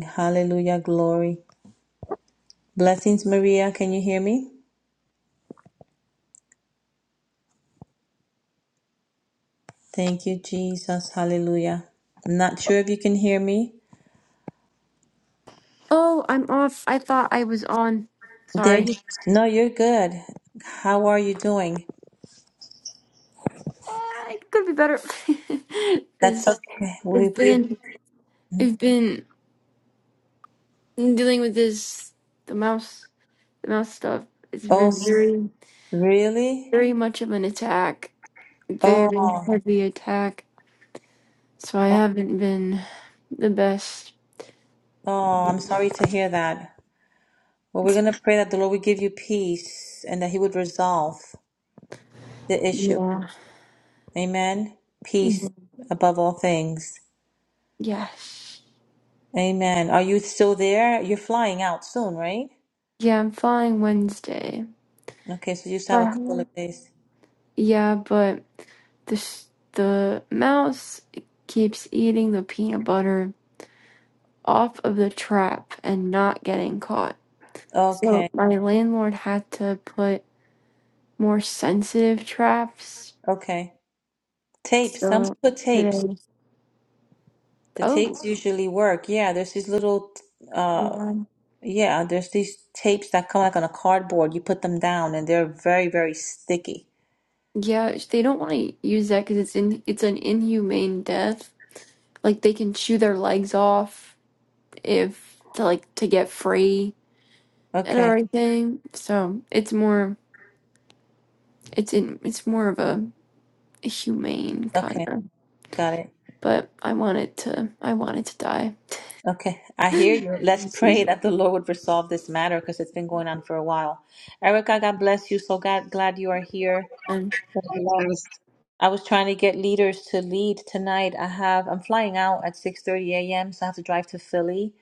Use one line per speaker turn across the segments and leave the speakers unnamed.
Hallelujah. Glory. Blessings, Maria. Can you hear me? Thank you, Jesus. Hallelujah. I'm not sure if you can hear me.
Oh, I'm off. I thought I was on.
There
Sorry.
you No, you're good. How are you doing?
Uh, it could be better.
That's
This
okay. We
I've
be
been I've been dealing with this the mouse the mouse stuff. It's
Oh,
been
s-
very
really?
very much of an attack.
Oh,
Very heavy attack. So I haven't been the best.
oh, I'm sorry to hear that. Well, we're
It's,
going to pray that the Lord will give you peace and that he would resolve the issue.
yeah.
Amen. Peace above all things.
Yes.
Amen. Are you still there? You're flying out soon, right?
Yeah, I'm flying Wednesday.
Okay, so you just
So
have
I
a couple
have-
of days.
Yeah, but The sh- The mouse keeps eating the peanut butter off of the trap and not getting caught. So
Okay,
my landlord had to put more sensitive traps.
okay. Tapes. Some
So
put tapes.
today,
The
oh
tapes usually work. Yeah, there's these little, uh,
yeah,
yeah, there's these tapes that come like on a cardboard. You put them down and they're very, very sticky.
yeah, they don't want to use that because it's in it's an inhumane death. Like they can chew their legs off if to like to get free and
Okay,
everything. So it's more it's in it's more of a humane kind
okay,
of,
got it.
but I wanted to. I wanted to die.
Okay, I hear
and
you. Let's pray that the Lord would resolve this matter because it's been going on for a while. Erica, God bless you. So glad, glad you are here.
Yes.
I was trying to get leaders to lead tonight. I have I'm flying out at 6:30 a.m., so I have to drive to Philly.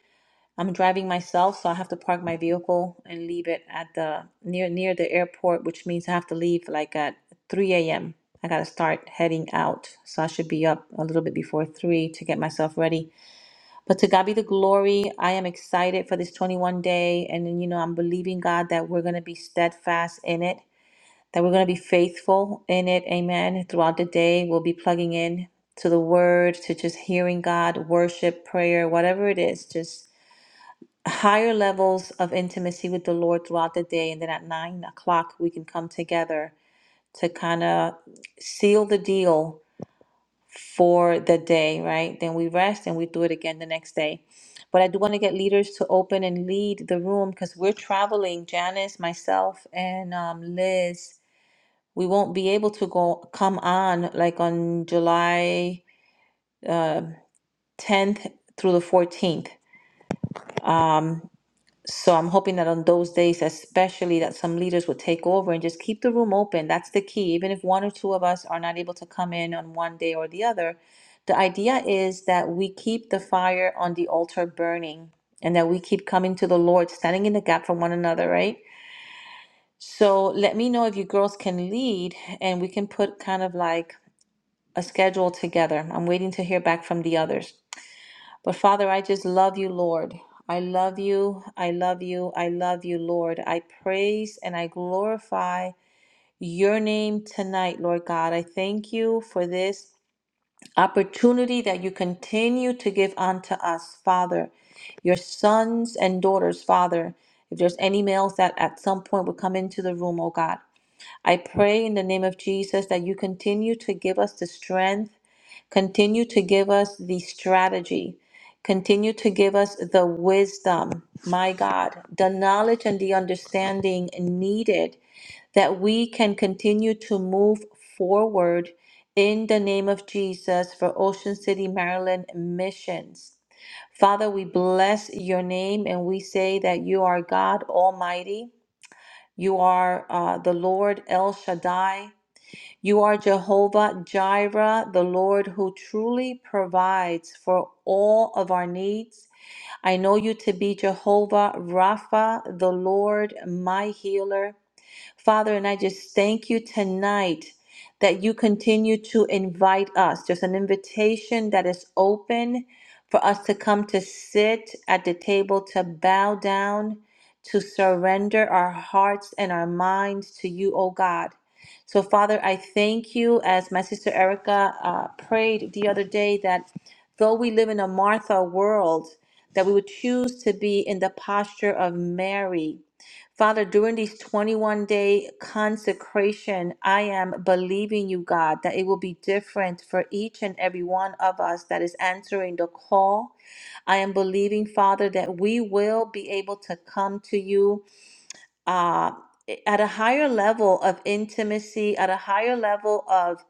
I'm driving myself, so I have to park my vehicle and leave it at the near near the airport, which means I have to leave like at 3 a.m. I gotta start heading out, so I should be up a little bit before three to get myself ready. But to God be the glory. I am excited for this 21 day, and you know I'm believing God that we're gonna be steadfast in it that we're going to be faithful in it. Amen. Throughout the day, we'll be plugging in to the word, to just hearing God, worship, prayer, whatever it is, just higher levels of intimacy with the Lord throughout the day. And then at nine o'clock, we can come together to kind of seal the deal for the day, right? Then we rest and we do it again the next day. But I do want to get leaders to open and lead the room because we're traveling, Janice, myself, and um, Liz we won't be able to go come on like on July 10th through the 14th. Um, so I'm hoping that on those days, especially, that some leaders would take over and just keep the room open. That's the key. Even if one or two of us are not able to come in on one day or the other, the idea is that we keep the fire on the altar burning and that we keep coming to the Lord, standing in the gap for one another, right? So let me know if you girls can lead and we can put kind of like a schedule together. I'm waiting to hear back from the others. But Father, I just love you, Lord. I love you. I love you. I love you, Lord. I praise and I glorify your name tonight, Lord God. I thank you for this opportunity that you continue to give unto us, Father, your sons and daughters, Father. If there's any males that at some point would come into the room, oh God, I pray in the name of Jesus that you continue to give us the strength Continue to give us the strategy. Continue to give us the wisdom, my God, the knowledge and the understanding needed that we can continue to move forward in the name of Jesus for Ocean City, Maryland missions. Father, we bless your name and we say that you are God Almighty. You are uh, the Lord El Shaddai. You are Jehovah Jireh, the Lord who truly provides for all of our needs. I know you to be Jehovah Rapha, the Lord, my healer. Father, and I just thank you tonight that you continue to invite us. There's an invitation that is open for us to come to sit at the table, to bow down, to surrender our hearts and our minds to you, O God. So, Father, I thank you, as my sister Erica uh, prayed the other day, that though we live in a Martha world, that we would choose to be in the posture of Mary Father, during these 21 day consecration, I am believing you, God, that it will be different for each and every one of us that is answering the call. I am believing, Father, that we will be able to come to you uh, at a higher level of intimacy, at a higher level of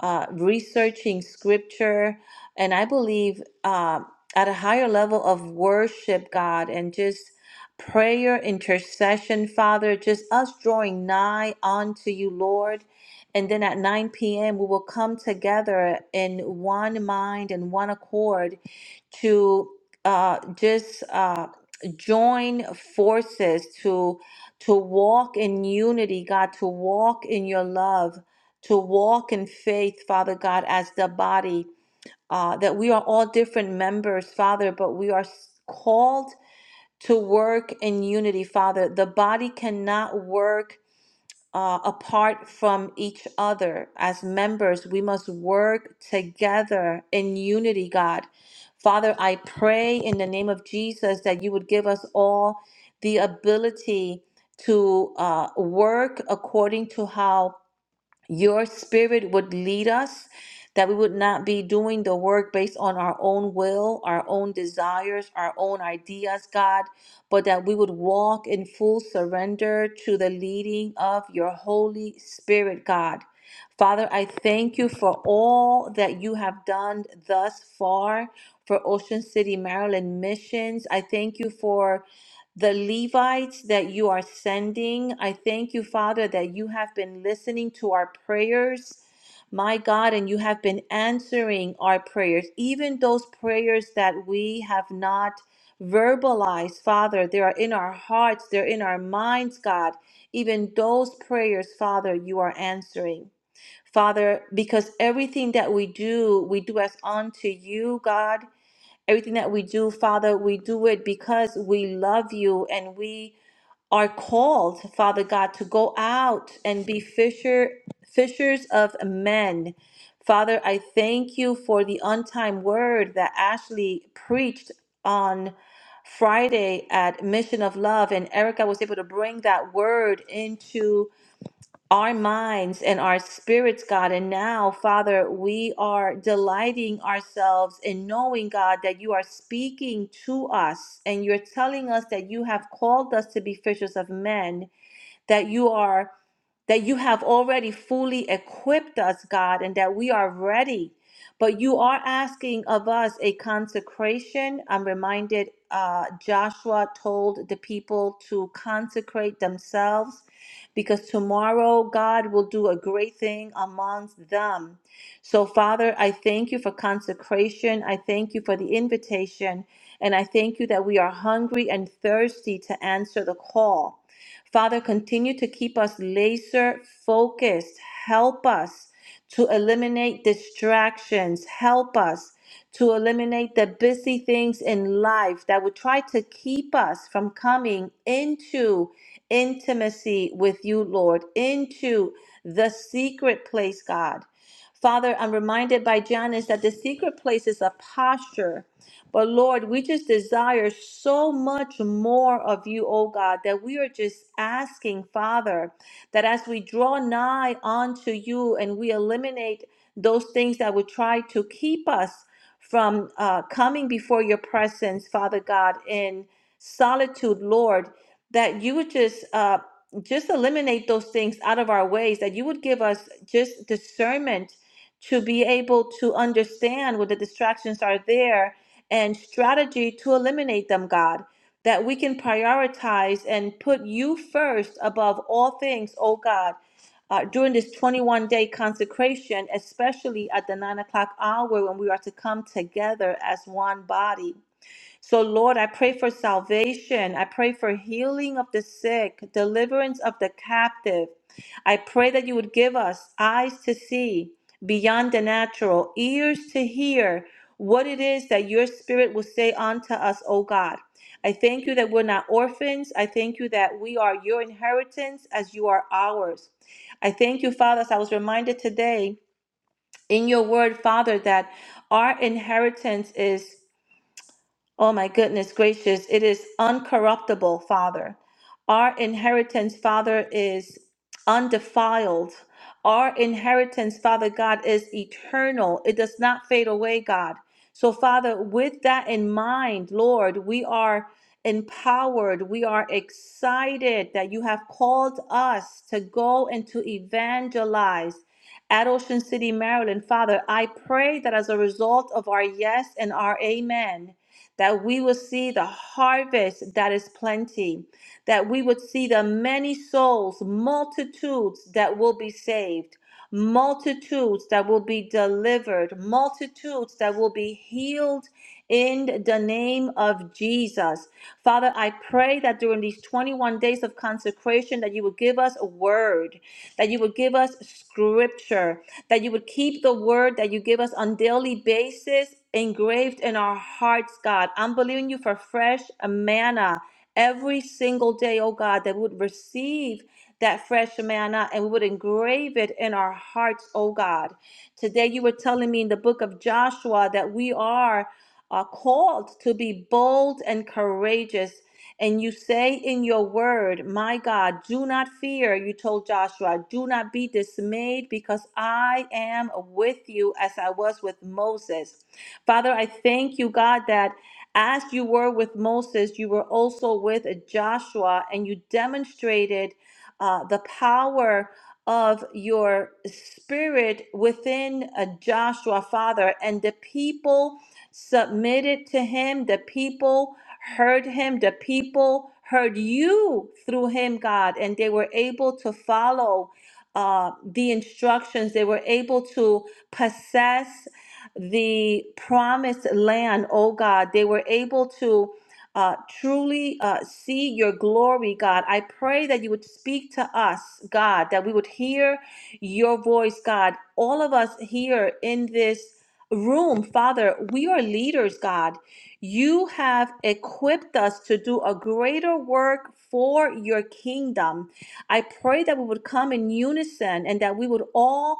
uh, researching scripture, and I believe uh, at a higher level of worship, God, and just prayer, intercession, Father, just us drawing nigh unto you, Lord. And then at 9 p.m., we will come together in one mind and one accord to uh, just uh, join forces to walk in unity, God, to walk in your love, to walk in faith, Father God, as the body, uh, that we are all different members, Father, but we are s- called to work in unity, Father. The body cannot work uh, apart from each other. As members, we must work together in unity, God. Father, I pray in the name of Jesus that you would give us all the ability to uh, work according to how your spirit would lead us, that we would not be doing the work based on our own will, our own desires, our own ideas, God, but that we would walk in full surrender to the leading of your Holy Spirit, God. Father, I thank you for all that you have done thus far for Ocean City, Maryland missions. I thank you for the Levites that you are sending. I thank you, Father, that you have been listening to our prayers, my God, and you have been answering our prayers, even those prayers that we have not verbalized, Father. They are in our hearts, they're in our minds, God. Even those prayers, Father, you are answering. Father, because everything that we do, we do as unto you, God. Everything that we do, Father, we do it because we love you and we are called, Father God, to go out and be fisher fishers of men. Father, I thank you for the untimed word that Ashley preached on Friday at Mission of Love, and Erica was able to bring that word into our minds and our spirits, God. And now, Father, we are delighting ourselves in knowing, God, that you are speaking to us and you're telling us that you have called us to be fishers of men, that you are that you have already fully equipped us, God, and that we are ready. But you are asking of us a consecration. I'm reminded uh, Joshua told the people to consecrate themselves because tomorrow God will do a great thing amongst them. So, Father, I thank you for consecration. I thank you for the invitation. And I thank you that we are hungry and thirsty to answer the call. Father, continue to keep us laser focused. Help us to eliminate distractions. Help us to eliminate the busy things in life that would try to keep us from coming into intimacy with you, Lord, into the secret place, God. Father, I'm reminded by Janice that the secret place is a posture. But Lord, we just desire so much more of you, oh God, that we are just asking, Father, that as we draw nigh unto you and we eliminate those things that would try to keep us from uh, coming before your presence, Father God, in solitude, Lord, that you would just uh, just eliminate those things out of our ways, that you would give us just discernment to be able to understand when the distractions are there and strategy to eliminate them, God, that we can prioritize and put you first above all things, oh God. Uh, during this 21 day consecration, especially at the nine o'clock hour when we are to come together as one body. So, Lord, I pray for salvation. I pray for healing of the sick, deliverance of the captive. I pray that you would give us eyes to see beyond the natural, ears to hear what it is that your spirit will say unto us, O God. I thank you that we're not orphans. I thank you that we are your inheritance as you are ours. I thank you, Father, as I was reminded today in your word, Father, that our inheritance is. Oh my goodness gracious, it is uncorruptible, Father. Our inheritance, Father, is undefiled. Our inheritance, Father God, is eternal. It does not fade away, God. So, Father, with that in mind, Lord, we are empowered. We are excited that you have called us to go and to evangelize at Ocean City, Maryland. Father, I pray that as a result of our yes and our amen, that we will see the harvest that is plenty, that we would see the many souls, multitudes that will be saved multitudes that will be delivered, multitudes that will be healed in the name of Jesus. Father, I pray that during these 21 days of consecration that you would give us a word, that you would give us scripture, that you would keep the word that you give us on daily basis engraved in our hearts, God. I'm believing you for fresh manna every single day, oh God, that we would receive that fresh manna and we would engrave it in our hearts, oh God. Today you were telling me in the book of Joshua that we are uh, called to be bold and courageous. And you say in your word, My God, do not fear, you told Joshua, do not be dismayed because I am with you as I was with Moses. Father, I thank you, God, that as you were with Moses, you were also with Joshua and you demonstrated uh, the power of your spirit within uh, Joshua, Father, and the people submitted to him, the people heard him, the people heard you through him, God, and they were able to follow uh, the instructions. They were able to possess the promised land, oh God. They were able to uh, truly uh, see your glory, God. I pray that you would speak to us, God, that we would hear your voice, God. All of us here in this room, Father, we are leaders, God. You have equipped us to do a greater work for your kingdom. I pray that we would come in unison and that we would all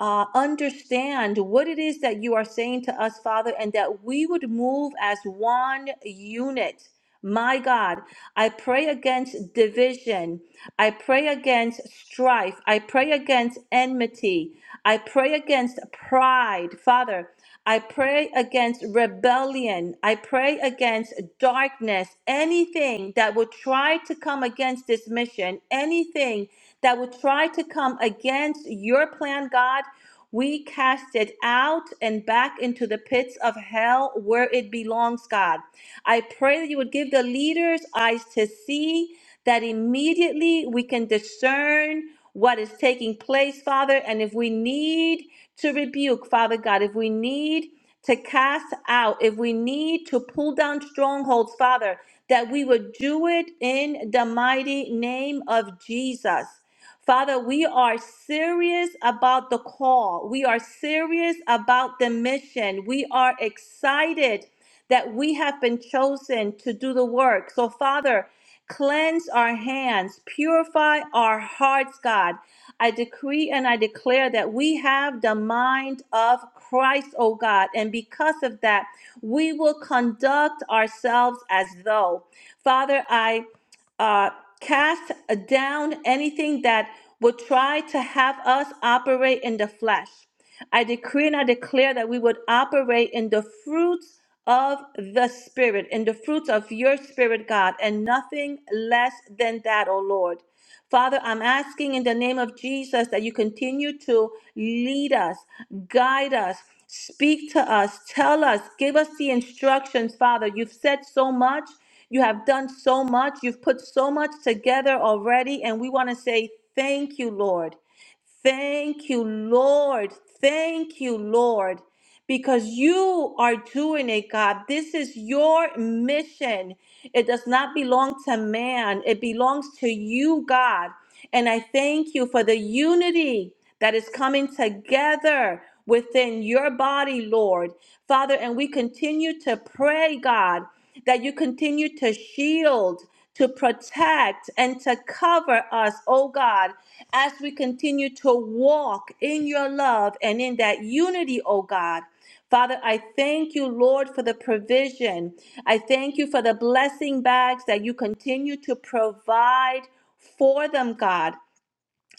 uh, understand what it is that you are saying to us, Father, and that we would move as one unit. My God, I pray against division. I pray against strife. I pray against enmity. I pray against pride, Father. I pray against rebellion. I pray against darkness. Anything that would try to come against this mission, anything that would try to come against your plan, God. We cast it out and back into the pits of hell where it belongs, God. I pray that you would give the leaders eyes to see that immediately we can discern what is taking place, Father. And if we need to rebuke, Father God, if we need to cast out, if we need to pull down strongholds, Father, that we would do it in the mighty name of Jesus. Father, we are serious about the call. We are serious about the mission. We are excited that we have been chosen to do the work. So, Father, cleanse our hands, purify our hearts, God. I decree and I declare that we have the mind of Christ, O God. And because of that, we will conduct ourselves as though. Father, I uh, cast down anything that would try to have us operate in the flesh. I decree and I declare that we would operate in the fruits of the Spirit, in the fruits of your Spirit, God, and nothing less than that, O Lord. Father, I'm asking in the name of Jesus that you continue to lead us, guide us, speak to us, tell us, give us the instructions, Father. You've said so much, you have done so much, you've put so much together already, and we want to say thank you, Lord. Thank you, Lord. Thank you, Lord, because you are doing it, God. This is your mission. It does not belong to man, it belongs to you, God. And I thank you for the unity that is coming together within your body, Lord. Father, and we continue to pray, God, that you continue to shield to protect and to cover us, oh God, as we continue to walk in your love and in that unity, oh God. Father, I thank you, Lord, for the provision. I thank you for the blessing bags that you continue to provide for them, God.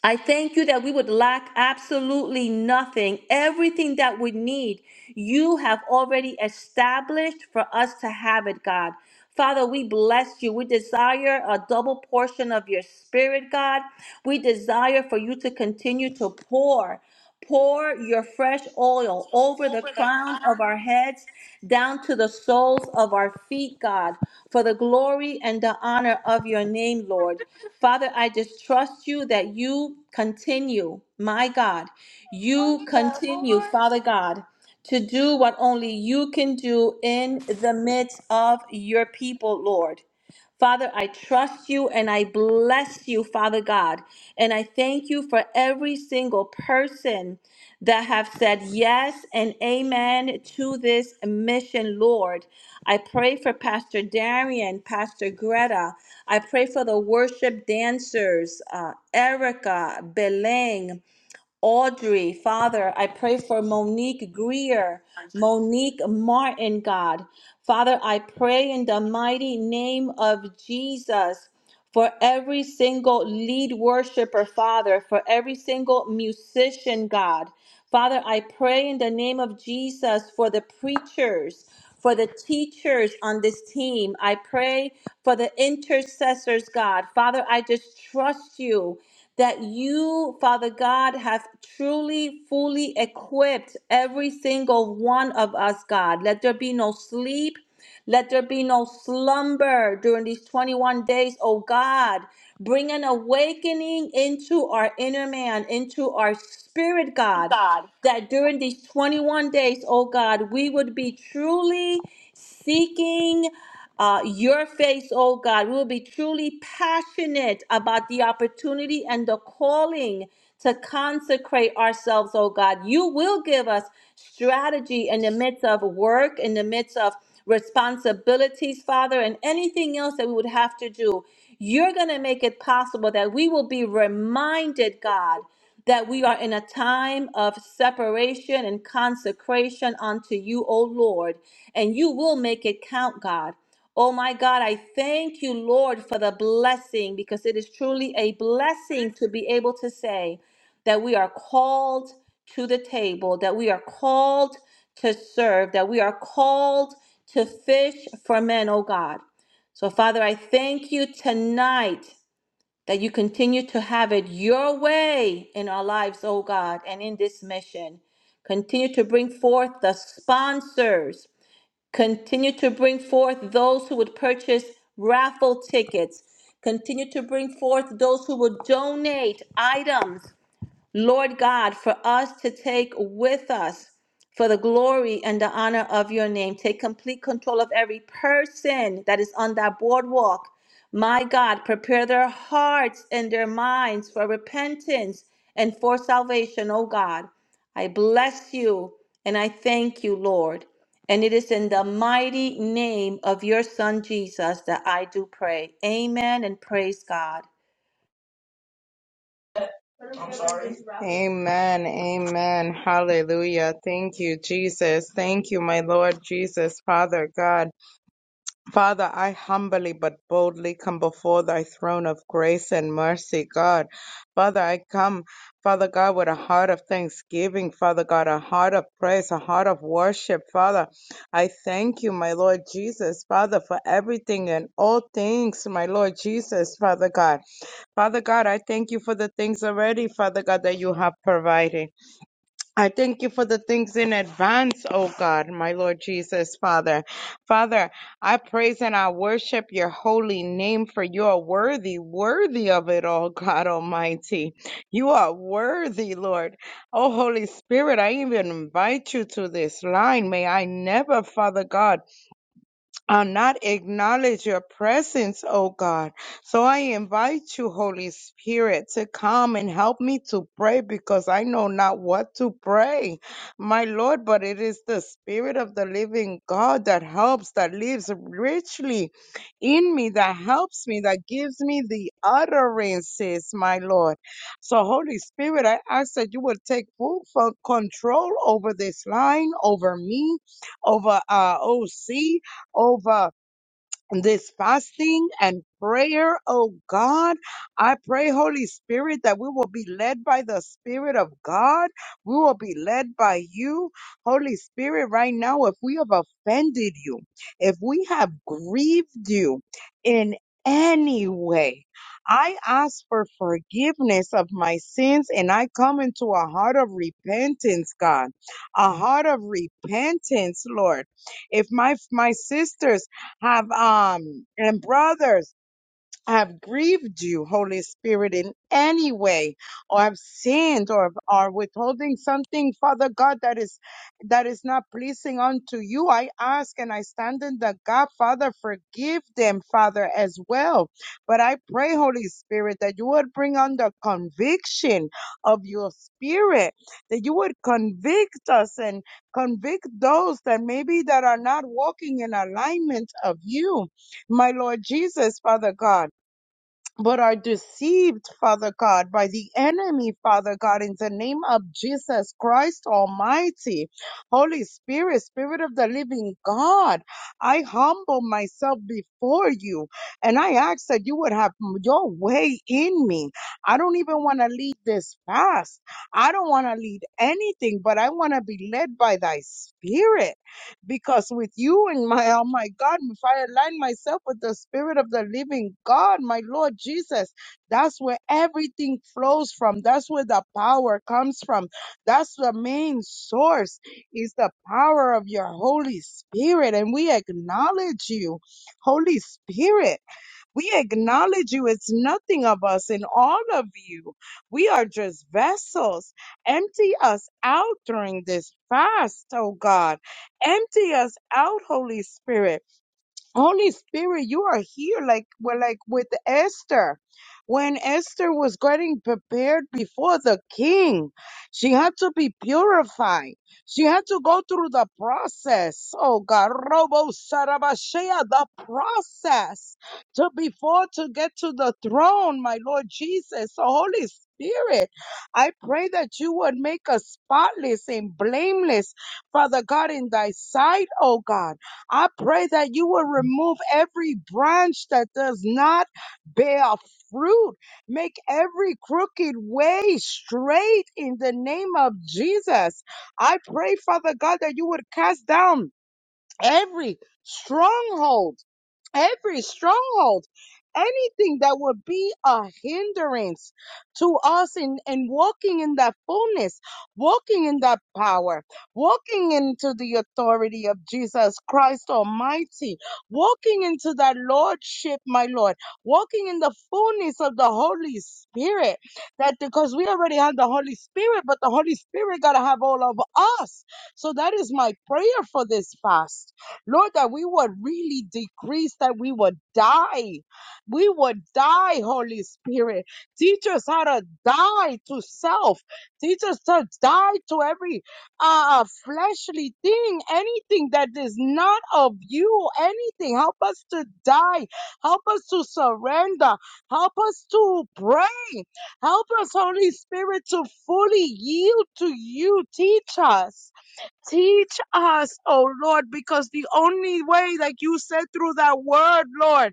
I thank you that we would lack absolutely nothing. Everything that we need, you have already established for us to have it, God. Father, we bless you. We desire a double portion of your spirit, God. We desire for you to continue to pour. Pour your fresh oil over the crown of our heads, down to the soles of our feet, God, for the glory and the honor of your name, Lord. Father, I just trust you that you continue, my God, you continue, Father God, to do what only you can do in the midst of your people, Lord. Father, I trust you and I bless you, Father God. And I thank you for every single person that have said yes and amen to this mission, Lord. I pray for Pastor Darian, Pastor Greta. I pray for the worship dancers, uh, Erica, Beleng. Audrey, Father, I pray for Monique Greer, Monique Martin, God. Father, I pray in the mighty name of Jesus for every single lead worshiper, Father, for every single musician, God. Father, I pray in the name of Jesus for the preachers, for the teachers on this team. I pray for the intercessors, God. Father, I just trust you that you, Father God, have truly, fully equipped every single one of us, God. Let there be no sleep. Let there be no slumber during these 21 days, oh God. Bring an awakening into our inner man, into our spirit, God, that during these 21 days, oh God, we would be truly seeking uh, your face, oh God. We will be truly passionate about the opportunity and the calling to consecrate ourselves, oh God. You will give us strategy in the midst of work, in the midst of responsibilities, Father, and anything else that we would have to do. You're going to make it possible that we will be reminded, God, that we are in a time of separation and consecration unto you, O Lord, and you will make it count, God. Oh my God, I thank you, Lord, for the blessing because it is truly a blessing to be able to say that we are called to the table, that we are called to serve, that we are called to fish for men, oh God. So, Father, I thank you tonight that you continue to have it your way in our lives, oh God, and in this mission. Continue to bring forth the sponsors Continue to bring forth those who would purchase raffle tickets. Continue to bring forth those who would donate items Lord God, for us to take with us for the glory and the honor of your name. Take complete control of every person that is on that boardwalk. My God, prepare their hearts and their minds for repentance and for salvation, oh God. I bless you and I thank you, Lord. And it is in the mighty name of your Son Jesus that I do pray. Amen and praise God.
Amen. Amen. Hallelujah. Thank you, Jesus. Thank you, my Lord Jesus, Father God. Father, I humbly but boldly come before thy throne of grace and mercy, God. Father, I come, Father God, with a heart of thanksgiving, Father God, a heart of praise, a heart of worship, Father. I thank you, my Lord Jesus, Father, for everything and all things, my Lord Jesus, Father God. Father God, I thank you for the things already, Father God, that you have provided. I thank you for the things in advance, oh God, my Lord Jesus, Father. Father, I praise and I worship your holy name for you are worthy, worthy of it all, God Almighty. You are worthy, Lord. Oh, Holy Spirit, I even invite you to this line. May I never, Father God, I'll not acknowledge your presence, O God. So I invite you, Holy Spirit, to come and help me to pray because I know not what to pray, my Lord, but it is the Spirit of the living God that helps, that lives richly in me, that helps me, that gives me the utterances, my Lord. So, Holy Spirit, I ask that you would take full full control over this line, over me, over uh, OC over this fasting and prayer, oh God. I pray, Holy Spirit, that we will be led by the Spirit of God. We will be led by you. Holy Spirit, right now, if we have offended you, if we have grieved you in any way, I ask for forgiveness of my sins and I come into a heart of repentance, God, a heart of repentance, Lord if my my sisters have um and brothers I have grieved you, Holy Spirit, in any way, or I've sinned or are withholding something, Father God, that is that is not pleasing unto you. I ask and I stand in the God, Father, forgive them, Father, as well. But I pray, Holy Spirit, that you would bring on the conviction of your spirit, that you would convict us and convict those that maybe that are not walking in alignment of you, my Lord Jesus, Father God but are deceived, Father God, by the enemy, Father God, in the name of Jesus Christ Almighty. Holy Spirit, Spirit of the living God, I humble myself before you and I ask that you would have your way in me. I don't even want to lead this fast. I don't want to lead anything, but I want to be led by thy spirit. Because with you in my, oh my God, if I align myself with the Spirit of the living God, my Lord Jesus, that's where everything flows from. That's where the power comes from. That's the main source is the power of your Holy Spirit. And we acknowledge you, Holy Spirit. We acknowledge you. It's nothing of us in all of you. We are just vessels. Empty us out during this fast, oh God. Empty us out, Holy Spirit. Holy Spirit, you are here, like well, like with Esther. When Esther was getting prepared before the king, she had to be purified. She had to go through the process. Oh God, Robo Sarabashea, the process to before to get to the throne, my Lord Jesus. So Holy Spirit, I pray that you would make us spotless and blameless, Father God, in thy sight, oh God. I pray that you will remove every branch that does not bear fruit. Make every crooked way straight in the name of Jesus. I pray, Father God, that you would cast down every stronghold every stronghold, anything that would be a hindrance to us in, in walking in that fullness, walking in that power, walking into the authority of Jesus Christ Almighty, walking into that Lordship, my Lord, walking in the fullness of the Holy Spirit. That because we already have the Holy Spirit, but the Holy Spirit got to have all of us. So that is my prayer for this fast Lord, that we would really decrease, that we would die. We would die, Holy Spirit. Teach us how to die to self. Teach us to die to every uh, fleshly thing, anything that is not of you, anything. Help us to die. Help us to surrender. Help us to pray. Help us, Holy Spirit, to fully yield to you. Teach us. Teach us, oh Lord, because the only way, like you said through that word, Lord,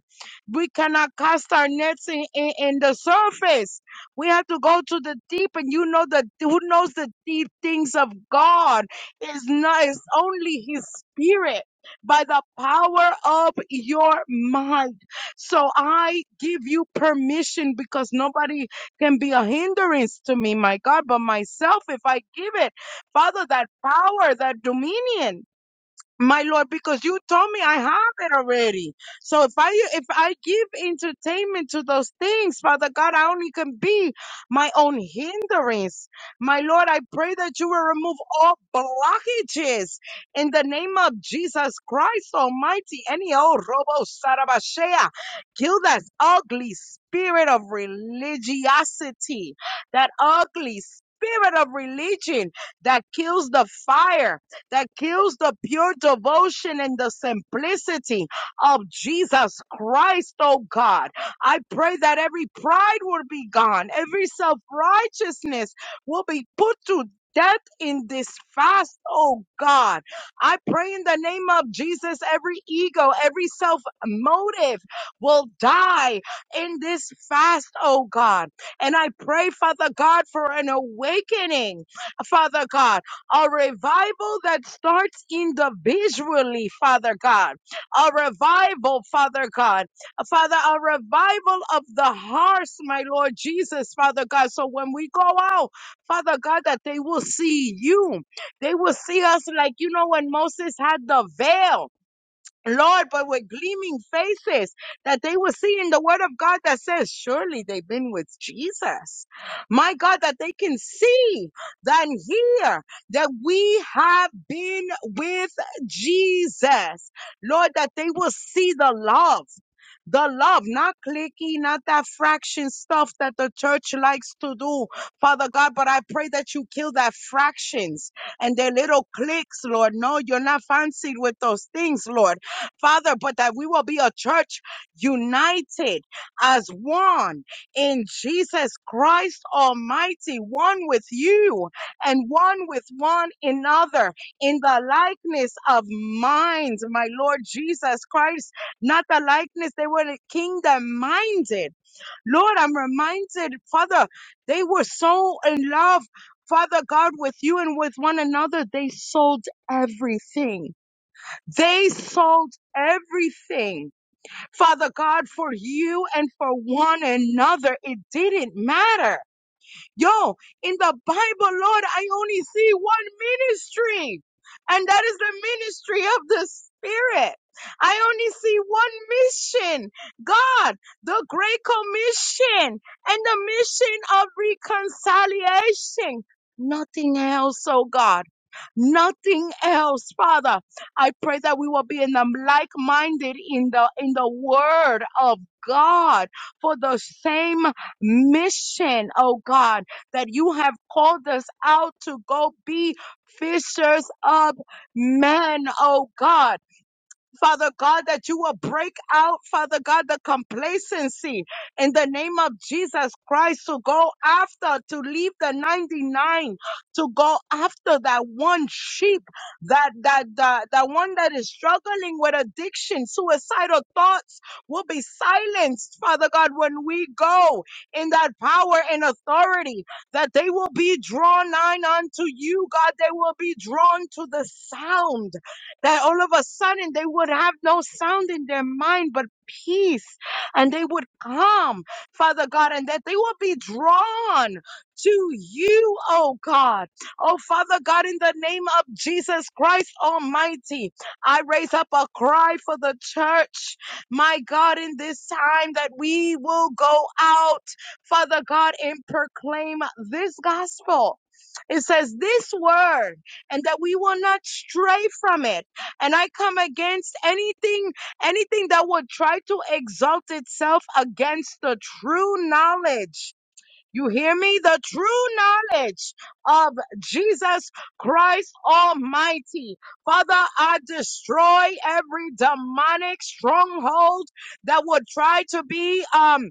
we cannot cast our nets in, in, in the surface. We have to go to the deep, and you know that who knows the deep things of God is not is only His Spirit by the power of your mind. So I give you permission because nobody can be a hindrance to me, my God, but myself if I give it. Father, that power, that dominion my lord because you told me i have it already so if i if i give entertainment to those things father god i only can be my own hindrance my lord i pray that you will remove all blockages in the name of jesus christ almighty any old robo sarabashea kill that ugly spirit of religiosity that ugly spirit of religion that kills the fire that kills the pure devotion and the simplicity of Jesus Christ, oh God. I pray that every pride will be gone, every self righteousness will be put to death in this fast, oh God. I pray in the name of Jesus, every ego, every self motive will die in this fast, oh God. And I pray, Father God, for an awakening, Father God a revival that starts individually, Father God, a revival, Father God, Father, a revival of the hearts, my Lord Jesus, Father God. So when we go out, Father God, that they will see you, they will see us like, you know, when Moses had the veil. Lord, but with gleaming faces that they were seeing the word of God that says, surely they've been with Jesus. My God, that they can see, then hear that we have been with Jesus. Lord, that they will see the love. The love, not clicky, not that fraction stuff that the church likes to do, Father God. But I pray that you kill that fractions and their little cliques, Lord. No, you're not fancied with those things, Lord Father, but that we will be a church united as one in Jesus Christ Almighty, one with you and one with one another in the likeness of minds, my Lord Jesus Christ, not the likeness, they were kingdom minded. Lord, I'm reminded, Father, they were so in love. Father God, with you and with one another, they sold everything they sold everything, Father God, for you and for one another. It didn't matter. Yo, in the Bible, Lord, I only see one ministry, and that is the ministry of the Spirit. I only see one mission, God, the Great Commission, and the mission of reconciliation. Nothing else, oh God. Nothing else, Father. I pray that we will be in the like-minded in the in the Word of God for the same mission, oh God that you have called us out to go be fishers of men, oh God. Father God, that you will break out, Father God, the complacency in the name of Jesus Christ to go after, to leave the 99, to go after that one sheep, that, that, that, that one that is struggling with addiction, suicidal thoughts will be silenced, Father God, when we go in that power and authority, that they will be drawn nigh unto you, God, they will be drawn to the sound that all of a sudden they would have no sound in their mind but peace and they would come, Father God, and that they would be drawn to you, oh God. Oh Father God, in the name of Jesus Christ Almighty, I raise up a cry for the church, my God, in this time that we will go out, Father God, and proclaim this gospel. It says this word, and that we will not stray from it and I come against anything, anything that would try to exalt itself against the true knowledge. You hear me? The true knowledge of Jesus Christ Almighty. Father, I destroy every demonic stronghold that would try to be, um,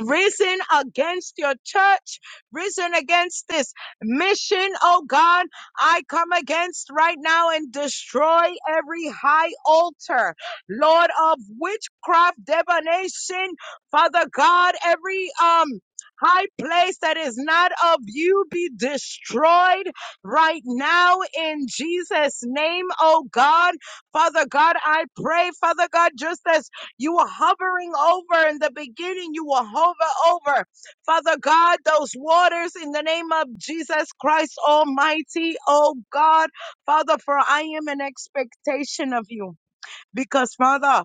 risen against your church, risen against this mission, oh God. I come against right now and destroy every high altar, Lord of witchcraft, divination, Father God, every, um, High place that is not of you be destroyed right now in Jesus' name, oh God. Father God, I pray, Father God, just as you were hovering over in the beginning. You will hover over, Father God, those waters in the name of Jesus Christ Almighty. Oh God, Father, for I am in expectation of you. Because, Father,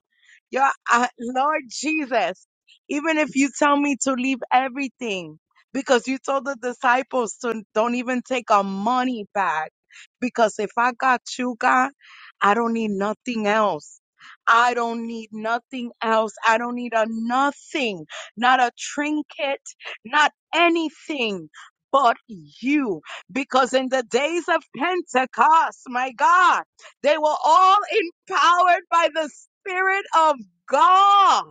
your uh, Lord Jesus, even if you tell me to leave everything, because you told the disciples to don't even take our money back. Because if I got you, God, I don't need nothing else. I don't need nothing else. I don't need a nothing, not a trinket, not anything but you. Because in the days of Pentecost, my God, they were all empowered by the Spirit of God.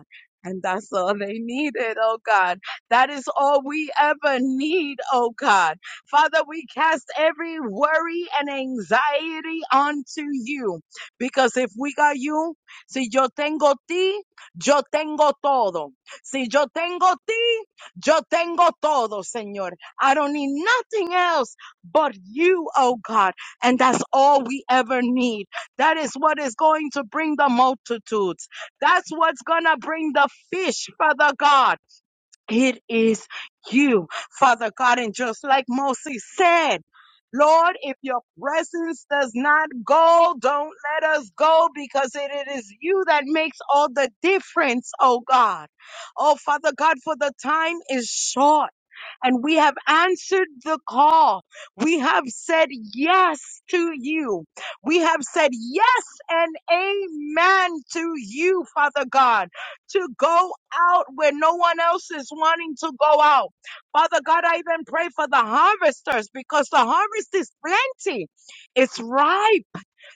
And that's all they needed, oh God. That is all we ever need, oh God. Father, we cast every worry and anxiety onto you. Because if we got you, si yo tengo ti, yo tengo todo. Si yo tengo ti, yo tengo todo, Señor. I don't need nothing else but you, oh God. And that's all we ever need. That is what is going to bring the multitudes. That's what's going to bring the fish, Father God. It is you, Father God. And just like Moses said, Lord, if your presence does not go, don't let us go because it it is you that makes all the difference, oh God. Oh, Father God, for the time is short and we have answered the call. We have said yes to you. We have said yes and amen to you, Father God, to go out where no one else is wanting to go out. Father God, I even pray for the harvesters because the harvest is plenty. It's ripe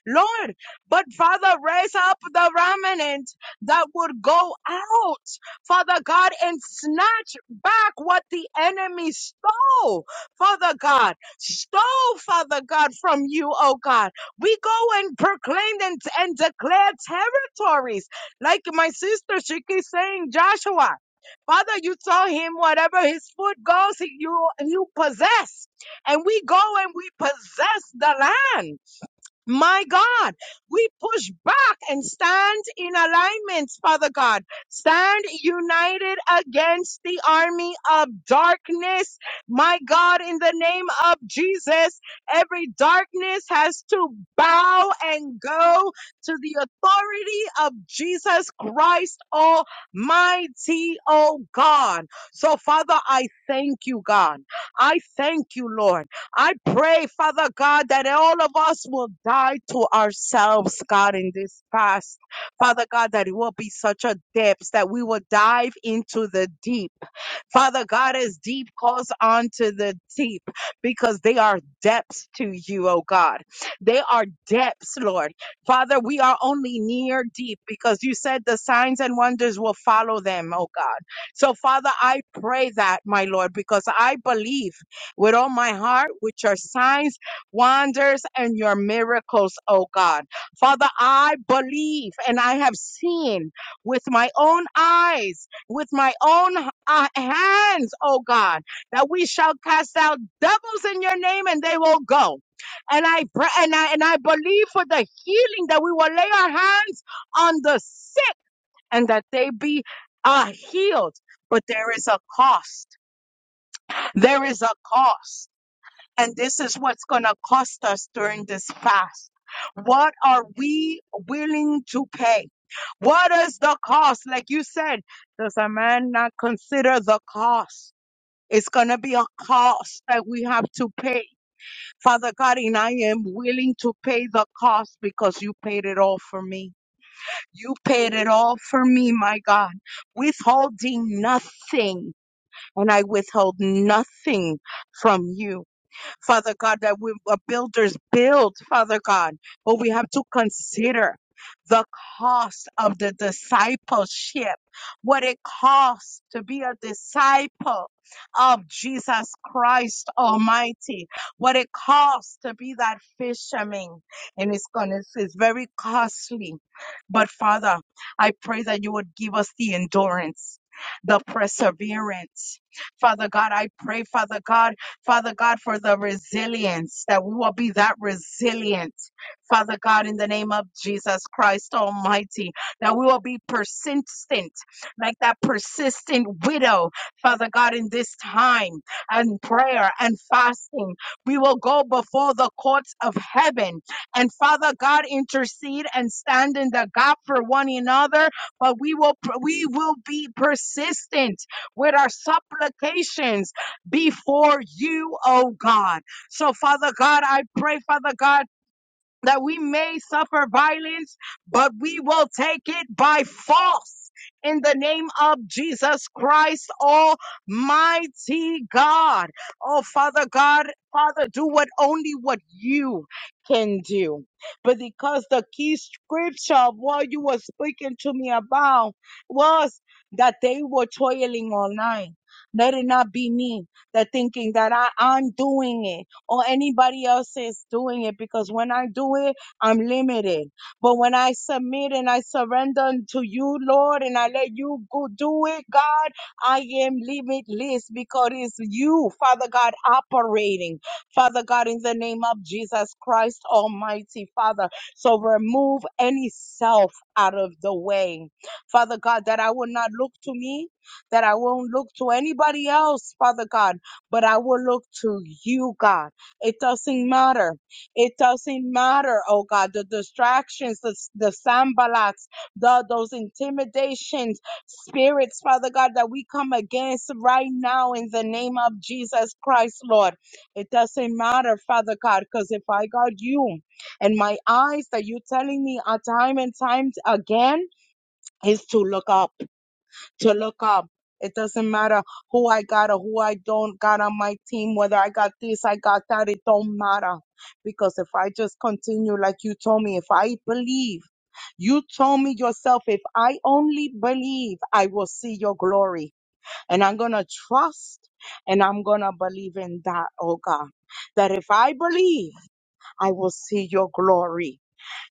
Lord. But Father, raise up the remnant that would go out, Father God, and snatch back what the enemy stole, Father God, stole, Father God, from you, oh God. We go and proclaim and, and declare territories. Like my sister, she keeps saying, Joshua. Father, you saw him whatever his foot goes, he- you you possess. And we go and we possess the land. My God, we push back and stand in alignment, Father God. Stand united against the army of darkness. My God, in the name of Jesus, every darkness has to bow and go to the authority of Jesus Christ Almighty, oh God. So, Father, I thank you, God. I thank you, Lord. I pray, Father God, that all of us will die to ourselves, God, in this fast. Father God, that it will be such a depth that we will dive into the deep. Father God, as deep calls onto the deep because they are depths to you, oh God. They are depths, Lord. Father, we are only near deep because you said the signs and wonders will follow them, oh God. So, Father, I pray that, my Lord, because I believe with all my heart with your signs, wonders, and your miracles, oh God. Father, I believe and I have seen with my own eyes with my own uh, hands, oh God, that we shall cast out devils in your name and they will go. And I pray, and I and I believe for the healing that we will lay our hands on the sick and that they be uh, healed. But there is a cost. There is a cost. And this is what's going to cost us during this fast. What are we willing to pay? What is the cost? Like you said, does a man not consider the cost? It's going to be a cost that we have to pay. Father God, and I am willing to pay the cost because you paid it all for me. You paid it all for me, my God, withholding nothing. And I withhold nothing from you. Father God, that we uh, builders build, Father God, but we have to consider the cost of the discipleship, what it costs to be a disciple of Jesus Christ Almighty, what it costs to be that fisherman. And it's gonna it's it's very costly. But Father, I pray that you would give us the endurance. The perseverance. Father God, I pray, Father God. Father God, for the resilience, that we will be that resilient, Father God, in the name of Jesus Christ Almighty, that we will be persistent, like that persistent widow, Father God, in this time and prayer and fasting. We will go before the courts of heaven and Father God intercede and stand in the gap for one another, but we will we will be persistent with our supplications before you, oh God. So, Father God, I pray, Father God, that we may suffer violence, but we will take it by force in the name of Jesus Christ, Almighty God. Oh, Father God, Father, do what only what you can do. But because the key scripture of what you were speaking to me about was that they were toiling all night. Let it not be me that thinking that I, I'm doing it or anybody else is doing it because when I do it, I'm limited. But when I submit and I surrender to you, Lord, and I let you go do it, God, I am limitless because it's you, Father God, operating. Father God, in the name of Jesus Christ Almighty, Father. So remove any self out of the way. Father God, that I will not look to me, that I won't look to anybody else, Father God, but I will look to you, God. It doesn't matter. It doesn't matter, oh God, the distractions, the, the sambalats, the, those intimidations, spirits, Father God, that we come against right now in the name of Jesus Christ, Lord. It doesn't matter, Father God, because if I got you and my eyes that you're telling me are time and time again is to look up to look up. It doesn't matter who I got or who I don't got on my team, whether I got this, I got that, it don't matter. Because if I just continue like you told me, if I believe, you told me yourself, if I only believe, I will see your glory. And I'm going to trust and I'm going to believe in that, oh God. That if I believe, I will see your glory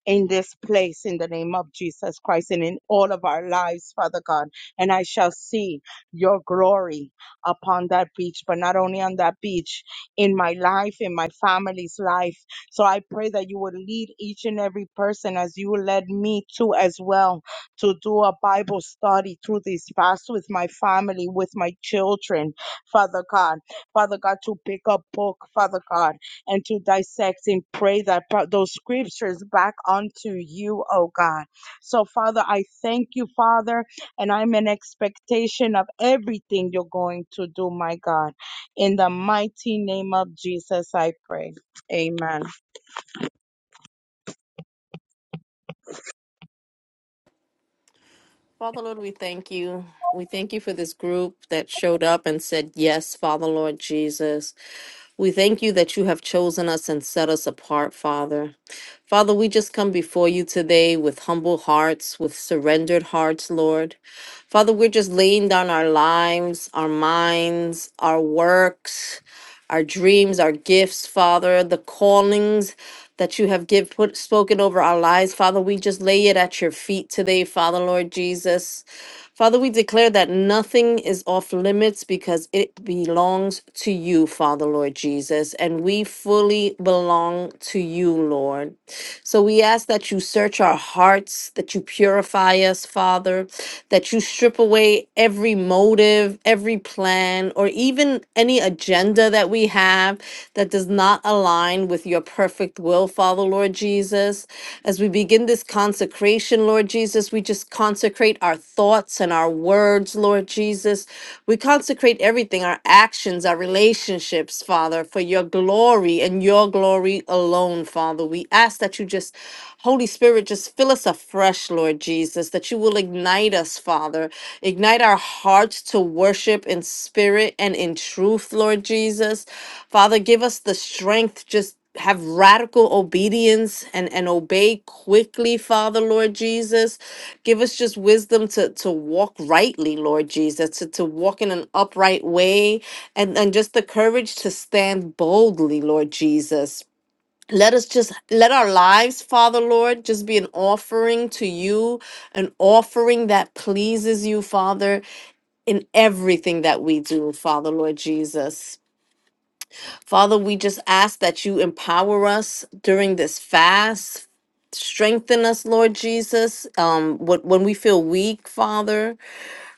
in this place in the name of Jesus Christ and in all of our lives, Father God. And I shall see your glory upon that beach, but not only on that beach, in my life, in my family's life. So I pray that you would lead each and every person as you led me to as well to do a Bible study through this fast with my family, with my children, Father God. Father God, to pick a book, Father God and to dissect and pray that pro- those scriptures back onto you, oh God. So, Father, I thank you, Father, and I'm in expectation of everything you're going to do, my God. In the mighty name of Jesus, I pray. Amen.
Father Lord, we thank you. We thank you for this group that showed up and said, Yes, Father Lord Jesus. We thank you that you have chosen us and set us apart, Father. Father, we just come before you today with humble hearts, with surrendered hearts, Lord. Father, we're just laying down our lives, our minds, our works our dreams, our gifts, Father, the callings that you have give, put, spoken over our lives. Father, we just lay it at your feet today, Father, Lord Jesus. Father, we declare that nothing is off limits because it belongs to you, Father, Lord Jesus, and we fully belong to you, Lord. So we ask that you search our hearts, that you purify us, Father, that you strip away every motive, every plan, or even any agenda that we have that does not align with your perfect will, Father, Lord Jesus. As we begin this consecration, Lord Jesus, we just consecrate our thoughts and our words, Lord Jesus. We consecrate everything, our actions, our relationships, Father, for your glory and your glory alone, Father. Father. We ask that you just, Holy Spirit, just fill us afresh, Lord Jesus, that you will ignite us, Father. Ignite our hearts to worship in spirit and in truth, Lord Jesus. Father, give us the strength, just have radical obedience and, and obey quickly, Father, Lord Jesus. Give us just wisdom to, to walk rightly, Lord Jesus, to, to walk in an upright way, and, and just the courage to stand boldly, Lord Jesus let us just let our lives father lord just be an offering to you an offering that pleases you father in everything that we do father lord jesus father we just ask that you empower us during this fast strengthen us lord jesus um what when we feel weak father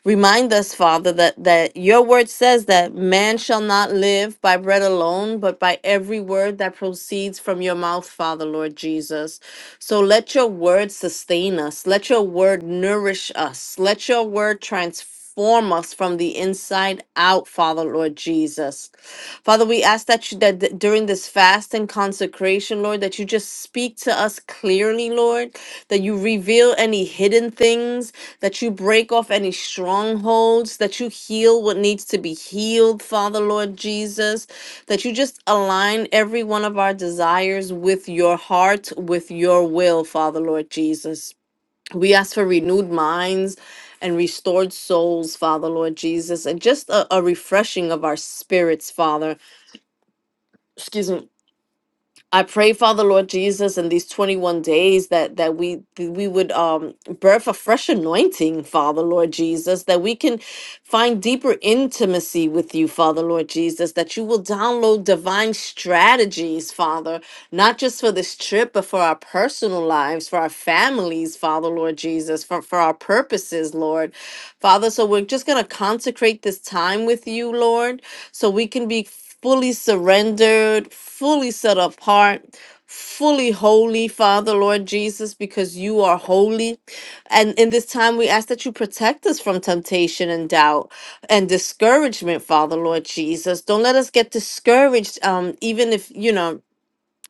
Remind us, Father, that, that your word says that man shall not live by bread alone, but by every word that proceeds from your mouth, Father, Lord Jesus. So let your word sustain us. Let your word nourish us. Let your word transform us from the inside out, Father, Lord Jesus. Father, we ask that you that d- during this fast and consecration, Lord, that you just speak to us clearly, Lord that you reveal any hidden things, that you break off any strongholds, that you heal what needs to be healed, Father Lord Jesus, that you just align every one of our desires with your heart, with your will, Father Lord Jesus. We ask for renewed minds and restored souls, Father Lord Jesus, and just a, a refreshing of our spirits, Father. Excuse me I pray, Father Lord Jesus, in these 21 days that that we we would um birth a fresh anointing, Father Lord Jesus, that we can find deeper intimacy with you, Father Lord Jesus, that you will download divine strategies, Father, not just for this trip, but for our personal lives, for our families, Father Lord Jesus, for, for our purposes, Lord. Father, so we're just gonna consecrate this time with you, Lord, so we can be fully surrendered, fully set apart, fully holy, Father, Lord Jesus, because you are holy. And in this time, we ask that you protect us from temptation and doubt and discouragement, Father, Lord Jesus. Don't let us get discouraged, um, even if, you know,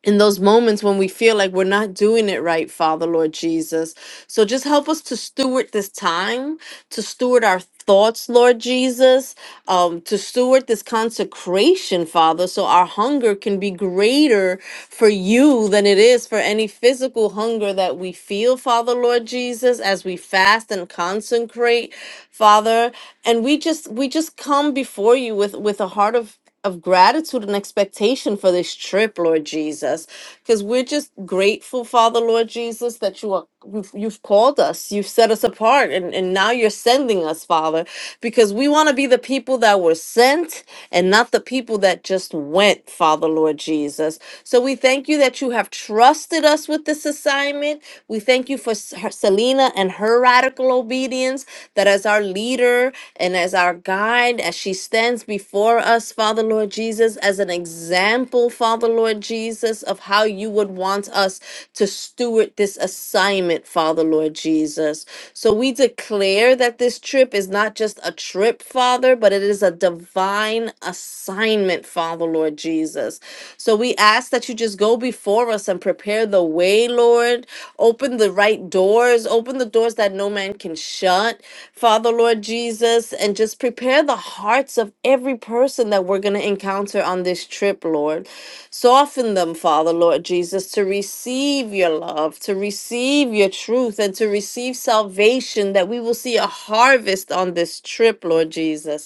in those moments when we feel like we're not doing it right, Father Lord Jesus. So just help us to steward this time, to steward our thoughts, Lord Jesus, um, to steward this consecration, Father, so our hunger can be greater for you than it is for any physical hunger that we feel, Father Lord Jesus, as we fast and consecrate, Father. And we just we just come before you with with a heart of of gratitude and expectation for this trip, Lord Jesus, because we're just grateful, Father, Lord Jesus, that you are you've, you've called us, you've set us apart, and, and now you're sending us, Father, because we want to be the people that were sent and not the people that just went, Father, Lord Jesus. So we thank you that you have trusted us with this assignment. We thank you for S- her- Selena and her radical practical obedience, that as our leader and as our guide, as she stands before us, Father Lord Jesus, as an example, Father Lord Jesus, of how you would want us to steward this assignment, Father Lord Jesus. So we declare that this trip is not just a trip, Father, but it is a divine assignment, Father Lord Jesus. So we ask that you just go go before us and prepare the way, Lord. Open the right doors, open the doors that no man can shut, Father, Lord Jesus, and just prepare the hearts of every person that we're going to encounter on this trip, Lord. Soften them, Father, Lord Jesus, to receive your love, to receive your truth, and to receive salvation, that we will see a harvest on this trip, Lord Jesus.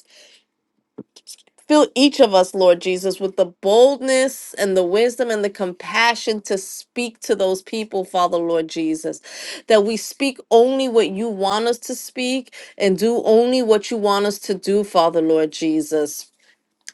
Fill each of us, Lord Jesus, with the boldness and the wisdom and the compassion to speak to those people, Father, Lord Jesus. That we speak only what you want us to speak and do only what you want us to do, Father, Lord Jesus.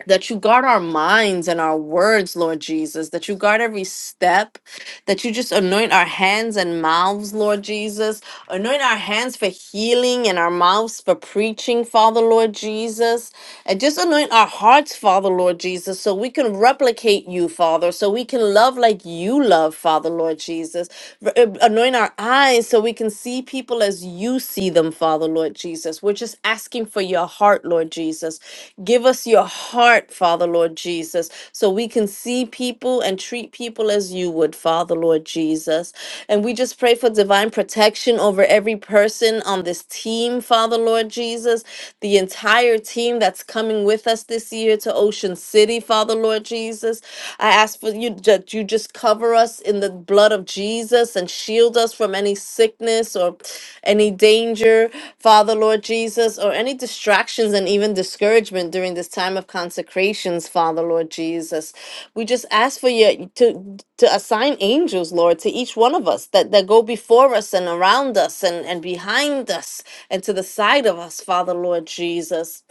That you guard our minds and our words, Lord Jesus. That you guard every step. That you just anoint our hands and mouths, Lord Jesus. Anoint our hands for healing and our mouths for preaching, Father, Lord Jesus and just anoint our hearts, Father, Lord Jesus, so we can replicate you, Father, so we can love like you love, Father, Lord Jesus. R- uh, Anoint our eyes so we can see people as you see them, Father, Lord Jesus. We're just asking for your heart, Lord Jesus. Give us your heart, Father, Lord Jesus, so we can see people and treat people as you would, Father, Lord Jesus. And we just we just pray for divine protection over every person on this team, Father Lord Jesus, the entire team that's coming with us this year to Ocean City, Father Lord Jesus. I ask for you that you just cover us in the blood of Jesus and shield us from any sickness or any danger, Father Lord Jesus, or any distractions and even discouragement during this time of consecrations, Father Lord Jesus. We just ask for you to to assign angels, Lord, to each one of us that, that go before us and around us and, and behind us and to the side of us, Father, Lord Jesus.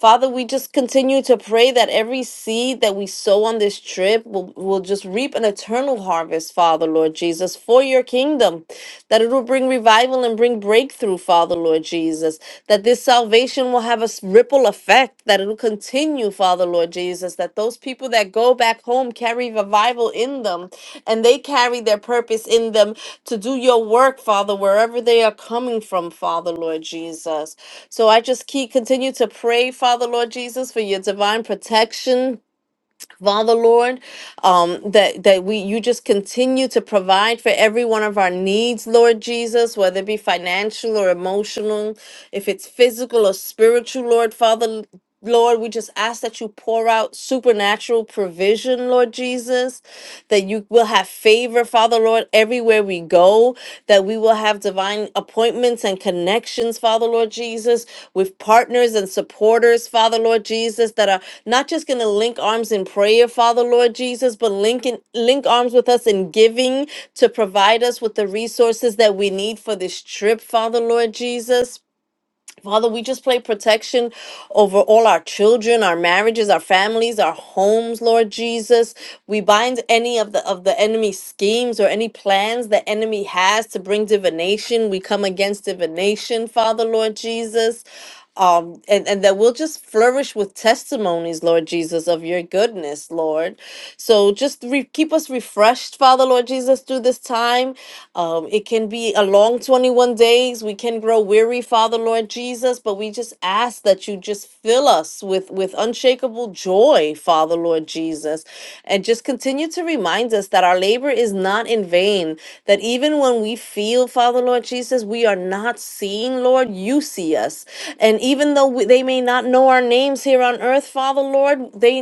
Father, we just continue to pray that every seed that we sow on this trip will, will just reap an eternal harvest, Father, Lord Jesus, for your kingdom, that it will bring revival and bring breakthrough, Father. Lord Jesus, that this salvation will have a s- ripple effect, that it'll continue, Father, Lord Jesus, that those people that go back home carry revival in them and they carry their purpose in them to do your work, Father, wherever they are coming from, Father, Lord Jesus. So I just keep continue to pray, Father, Lord Jesus, for your divine protection Father Lord, um, that that we you just continue to provide for every one of our needs, Lord Jesus, whether it be financial or emotional, if it's physical or spiritual, Lord Father Lord, we just ask that you pour out supernatural provision, Lord Jesus, that you will have favor, Father Lord, everywhere we go, that we will have divine appointments and connections, Father Lord Jesus, with partners and supporters, Father Lord Jesus, that are not just going to link arms in prayer, Father Lord Jesus, but link, in, link arms with us in giving to provide us with the resources that we need for this trip, Father Lord Jesus. Father, we just pray protection over all our children, our marriages, our families, our homes, Lord Jesus. We bind any of the of the enemy's schemes or any plans the enemy has to bring divination. We come against divination, Father, Lord Jesus um, and, and that we'll just flourish with testimonies, Lord Jesus, of your goodness, Lord. So just re- keep us refreshed, Father, Lord Jesus, through this time. Um, it can be a long 21 days. We can grow weary, Father, Lord Jesus, but we just ask that you just fill us with, with unshakable joy, Father, Lord Jesus, and just continue to remind us that our labor is not in vain, that even when we feel field, Father Lord Jesus. We are not seeing, Lord. You see us. And even though we, they may not know our names here on earth, Father Lord, they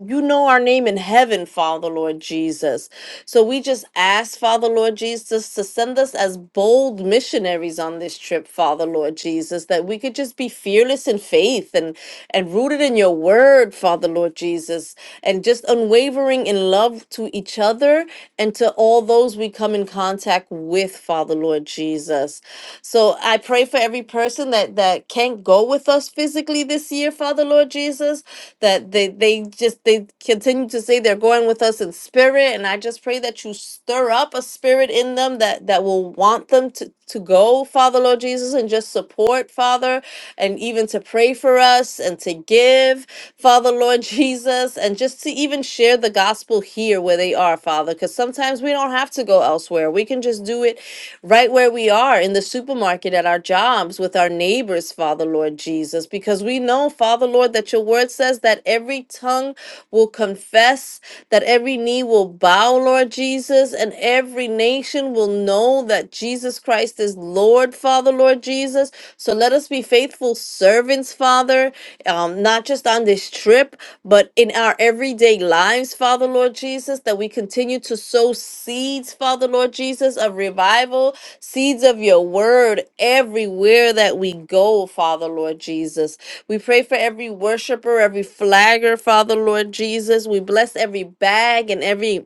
you know our name in heaven, Father Lord Jesus. So we just ask, Father Lord Jesus, to send us as bold missionaries on this trip, Father Lord Jesus, that we could just be fearless in faith and and rooted in your word, Father Lord Jesus, and just unwavering in love to each each other and to all those we come in contact with, Father Lord Jesus. So I pray for every person that that can't go with us physically this year, Father Lord Jesus, that they they just they continue to say they're going with us in spirit, and I just pray that you stir up a spirit in them that that will want them to to go, Father Lord Jesus, and just support, Father, and even to pray for us and to give, Father Lord Jesus, and just to even share the gospel here where they are, Father, because sometimes we don't have to go elsewhere. We can just do it right where we are in the supermarket working at our jobs with our neighbors, Father Lord Jesus, because we know, Father Lord, that your word says that every tongue will confess, that every knee will bow, Lord Jesus, and every nation will know that Jesus Christ is Lord, Father Lord Jesus. So let us be faithful servants, Father, um, not just on this trip, but in our everyday lives, Father Lord Jesus, that we continue to sow seeds, Father Lord Jesus, of revival seeds of your word everywhere that we go, Father, Lord Jesus. We pray for every worshiper, every flagger, Father, Lord Jesus. We bless every bag and every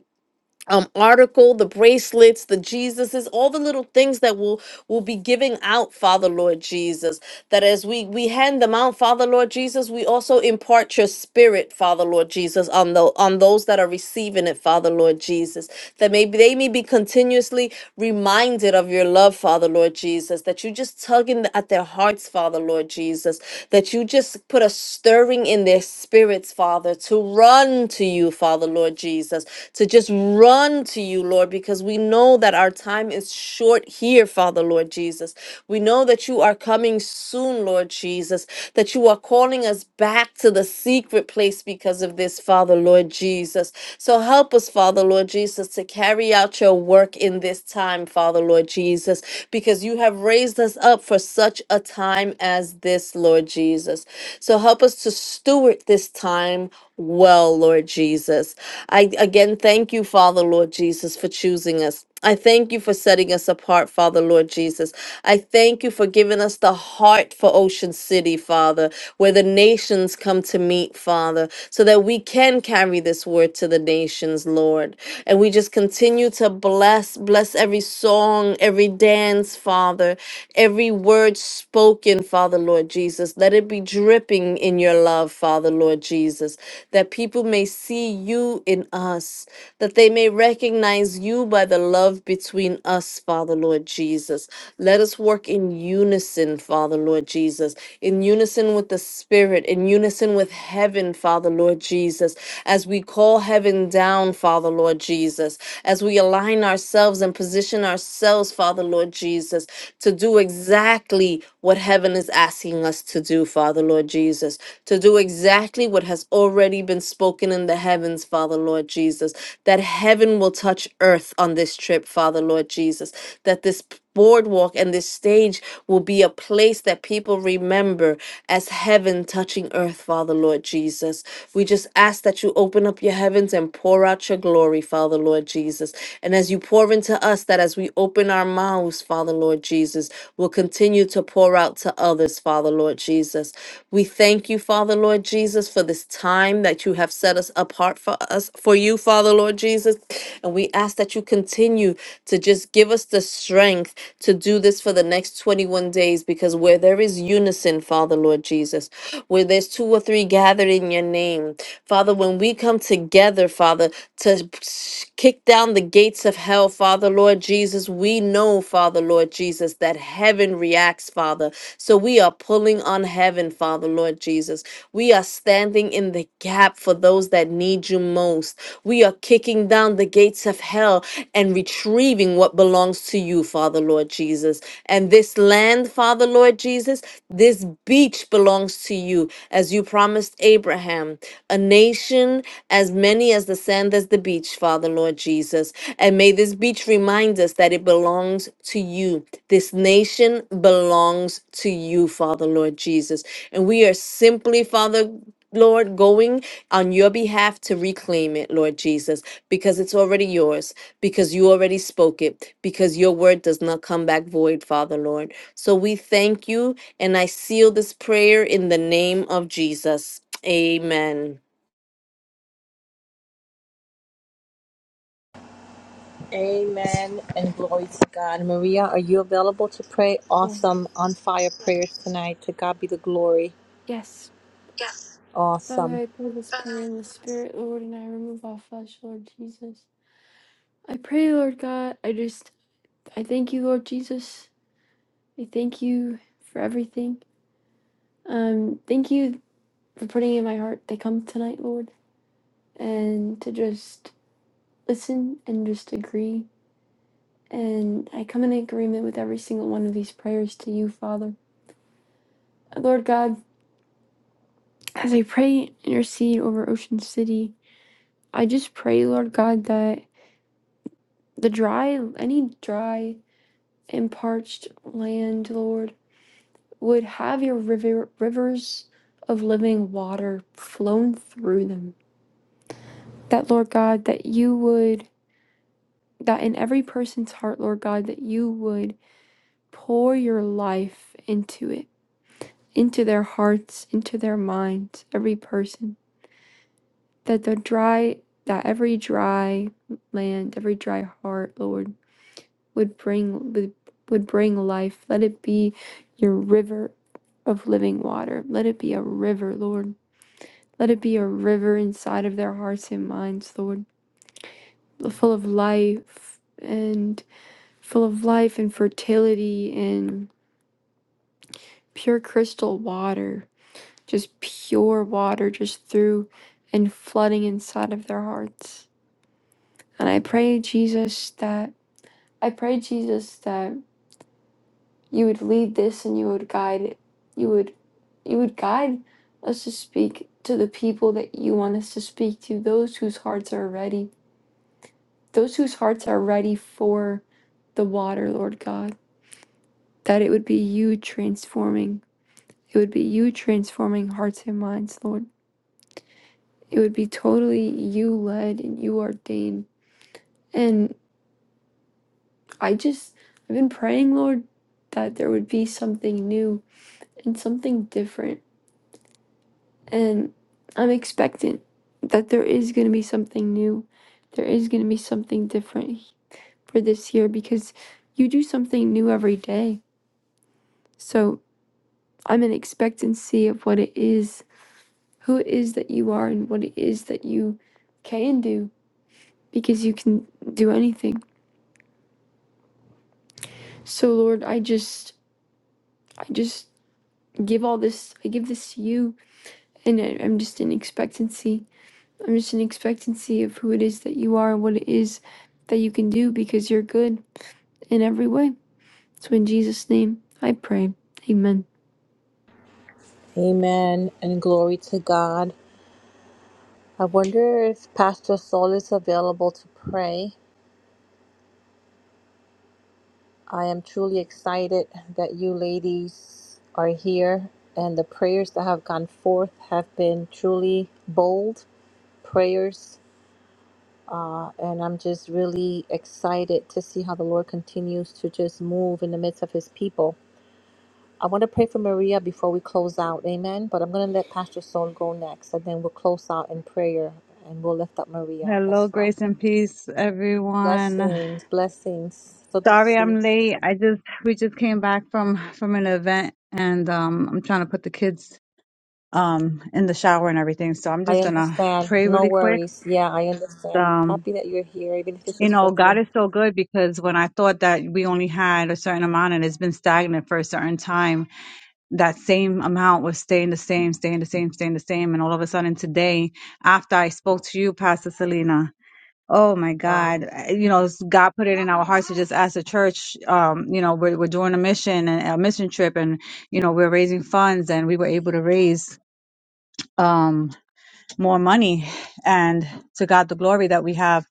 um article the bracelets the jesuses all the little things that will will be giving out father lord jesus that as we we hand them out father lord jesus we also impart your spirit father lord jesus on the on those that are receiving it father lord jesus that maybe they may be continuously reminded of your love father lord jesus that you just tugging at their hearts father lord jesus that you just put a stirring in their spirits father to run run to you, Father, Lord Jesus, to just run to you, Lord, because we know that our time is short here, Father, Lord Jesus. We know that you are coming soon, Lord Jesus, that you are calling us back to the secret place because of this, Father, Lord Jesus. So help us, Father, Lord Jesus, to carry out your work in this time, Father, Lord Jesus, because you have raised us up for such a time as this, Lord Jesus. So help us to steward this time well, Lord Jesus. I again thank you, Father, Lord Jesus, for choosing us. I thank you for setting us apart, Father, Lord Jesus. I thank you for giving us the heart for Ocean City, Father, where the nations come to meet, Father, so that we can carry this word to the nations, Lord. And we just continue to bless, bless every song, every dance, Father, every word spoken, Father, Lord Jesus. Let it be dripping in your love, Father, Lord Jesus, that people may see you in us, that they may recognize you by the love between us, Father, Lord Jesus. Let us work in unison, Father, Lord Jesus, in unison with the Spirit, in unison with heaven, Father, Lord Jesus, as we call heaven down, Father, Lord Jesus, as we align ourselves and position ourselves, Father, Lord Jesus, to do exactly what heaven is asking us to do, Father Lord Jesus, to do exactly what has already been spoken in the heavens, Father Lord Jesus, that heaven will touch earth on this trip, Father Lord Jesus, that this boardwalk and this stage will be a place that people remember as heaven touching earth, Father Lord Jesus. We just ask that you open up your heavens and pour out your glory, Father Lord Jesus. and and as you pour into us, that as we open our mouths, Father Lord Jesus, we'll continue to pour out to others, Father Lord Jesus. We thank you, Father Lord Jesus, for this time that you have set us apart for us, for you, Father Lord Jesus. And we ask that you continue to just give us the strength to do this for the next 21 days because where there is unison, Father Lord Jesus, where there's two or three gathered in your name, Father, when we come come together, Father, to kick down the gates of hell, Father, Lord Jesus. We know, Father, Lord Jesus, that heaven reacts, Father. So we are pulling on heaven, Father, Lord Jesus. We are standing in the gap for those that need you most. We are kicking down the gates of hell and retrieving what belongs to you, Father, Lord Jesus. And this land, Father, Lord Jesus, this beach belongs to you, as you promised Abraham. A nation as many as the sand as the beach, Father, Lord Jesus. And may this beach remind us that it belongs to you. This nation belongs to you, Father, Lord Jesus. And we are simply, Father, Lord, going on your behalf to reclaim it, Lord Jesus, because it's already yours, because you already spoke it, because your word does not come back void, Father, Lord. So we thank you, and I seal this prayer in the name of Jesus. Amen.
Amen and glory to God. Maria, are you available to pray?
yeah.
Awesome. On fire prayers tonight. To God be the glory.
yes, Father,
Awesome.
I pray this prayer in the Spirit, Lord, and I remove all flesh, Lord Jesus. I pray, Lord God. I just. I thank you, Lord Jesus. I thank you for everything. Um, thank you for putting in my heart to come tonight, Lord, and to just listen and just agree. And I come in agreement with every single one of these prayers to you, Father. Lord God, As I pray and intercede over Ocean City, I just pray, Lord God, that the dry, any dry and parched land, Lord, would have your river, rivers of living water flown through them. That, Lord God, that you would, that in every person's heart, Lord God, that you would pour your life into it, into their hearts, into their minds, every person. that the dry that every dry land every dry heart lord would bring would, would bring life let it be your river of living water let it be a river lord let it be a river inside of their hearts and minds lord full of life and full of life and fertility and pure crystal water just pure water just through and flooding inside of their hearts and i pray jesus that I pray, Jesus, that you would lead this and you would guide it. You would you would guide us to speak to the people that you want us to speak to, those whose hearts are ready, those whose hearts are ready for the water, Lord God. That it would be you transforming. It would be you transforming hearts and minds, Lord. It would be totally you led and you ordained. And I just I've been praying, Lord, that there would be something new and something different and I'm expectant that there is going to be something new. There is going to be something different for this year because you do something new every day. So I'm in expectancy of what it is, who it is that you are, and what it is that you can do because you can do anything. So Lord, I just, I just give all this, I give this to you, and I- I'm just in expectancy I'm just in expectancy of who it is that you are and what it is that you can do because you're good in every way. So in Jesus' name, I pray. Amen.
Amen and glory to God. I wonder if Pastor Saul is available to pray. I am truly excited that you ladies are here and the prayers that have gone forth have been truly bold prayers And I'm just really excited to see how the Lord continues to just move in the midst of his people. I want to pray for Maria before we close out. Amen. But I'm going to let Pastor Soul go next, and then we'll close out in prayer and we'll lift up Maria as
Hello,
well.
grace and peace, everyone.
Blessings, blessings. So good to
Sorry
see you.
I'm late. I just we just came back from from an event and um I'm trying to put the kids um in the shower and everything. So I'm
I
just going to
understand.
pray
No
really quick.
worries. Yeah, I understand.
Um
Happy that you're here, even if this
you
is for
know,
you.
God is so good because when I thought that we only had a certain amount and it's been stagnant for a certain time, that same amount was staying the same, staying the same, staying the same. And all of a sudden today, after I spoke to you, Pastor Selena, Oh my
Wow.
God. Uh, You know, s- God put it in our hearts to just ask the church, um, you know, we're, we're doing a mission and a mission trip and, you know, we're raising funds and we were able to raise, um, more money and to God the glory that we have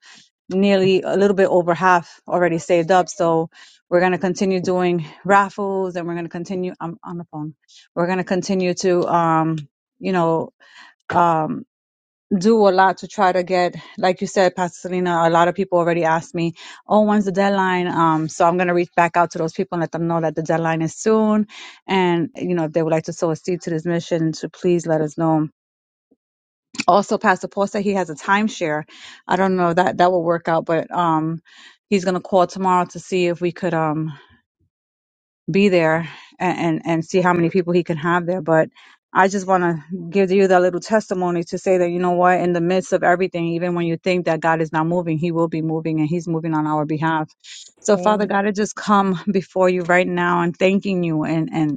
nearly a little bit over half already saved up. So we're going to continue doing raffles and we're going to continue I'm on the phone. We're going to continue to, um, you know, um, do a lot to try to get, like you said, Pastor Selena, a lot of people already asked me, oh, when's the deadline? Um, so I'm going to reach back out to those people and let them know that the deadline is soon. And, you know, if they would like to sow a seed to this mission, to please let us know. Also, Pastor Paul said he has a timeshare. I don't know that that will work out, but, um, he's going to call tomorrow to see if we could, um, be there and, and, and see how many people he can have there. But I just want to give you that little testimony to say that, you know what, in the midst of everything, even when you think that God is not moving, he will be moving and he's moving on our behalf. So Father
Amen.
God, I just come before you right now and thanking you and and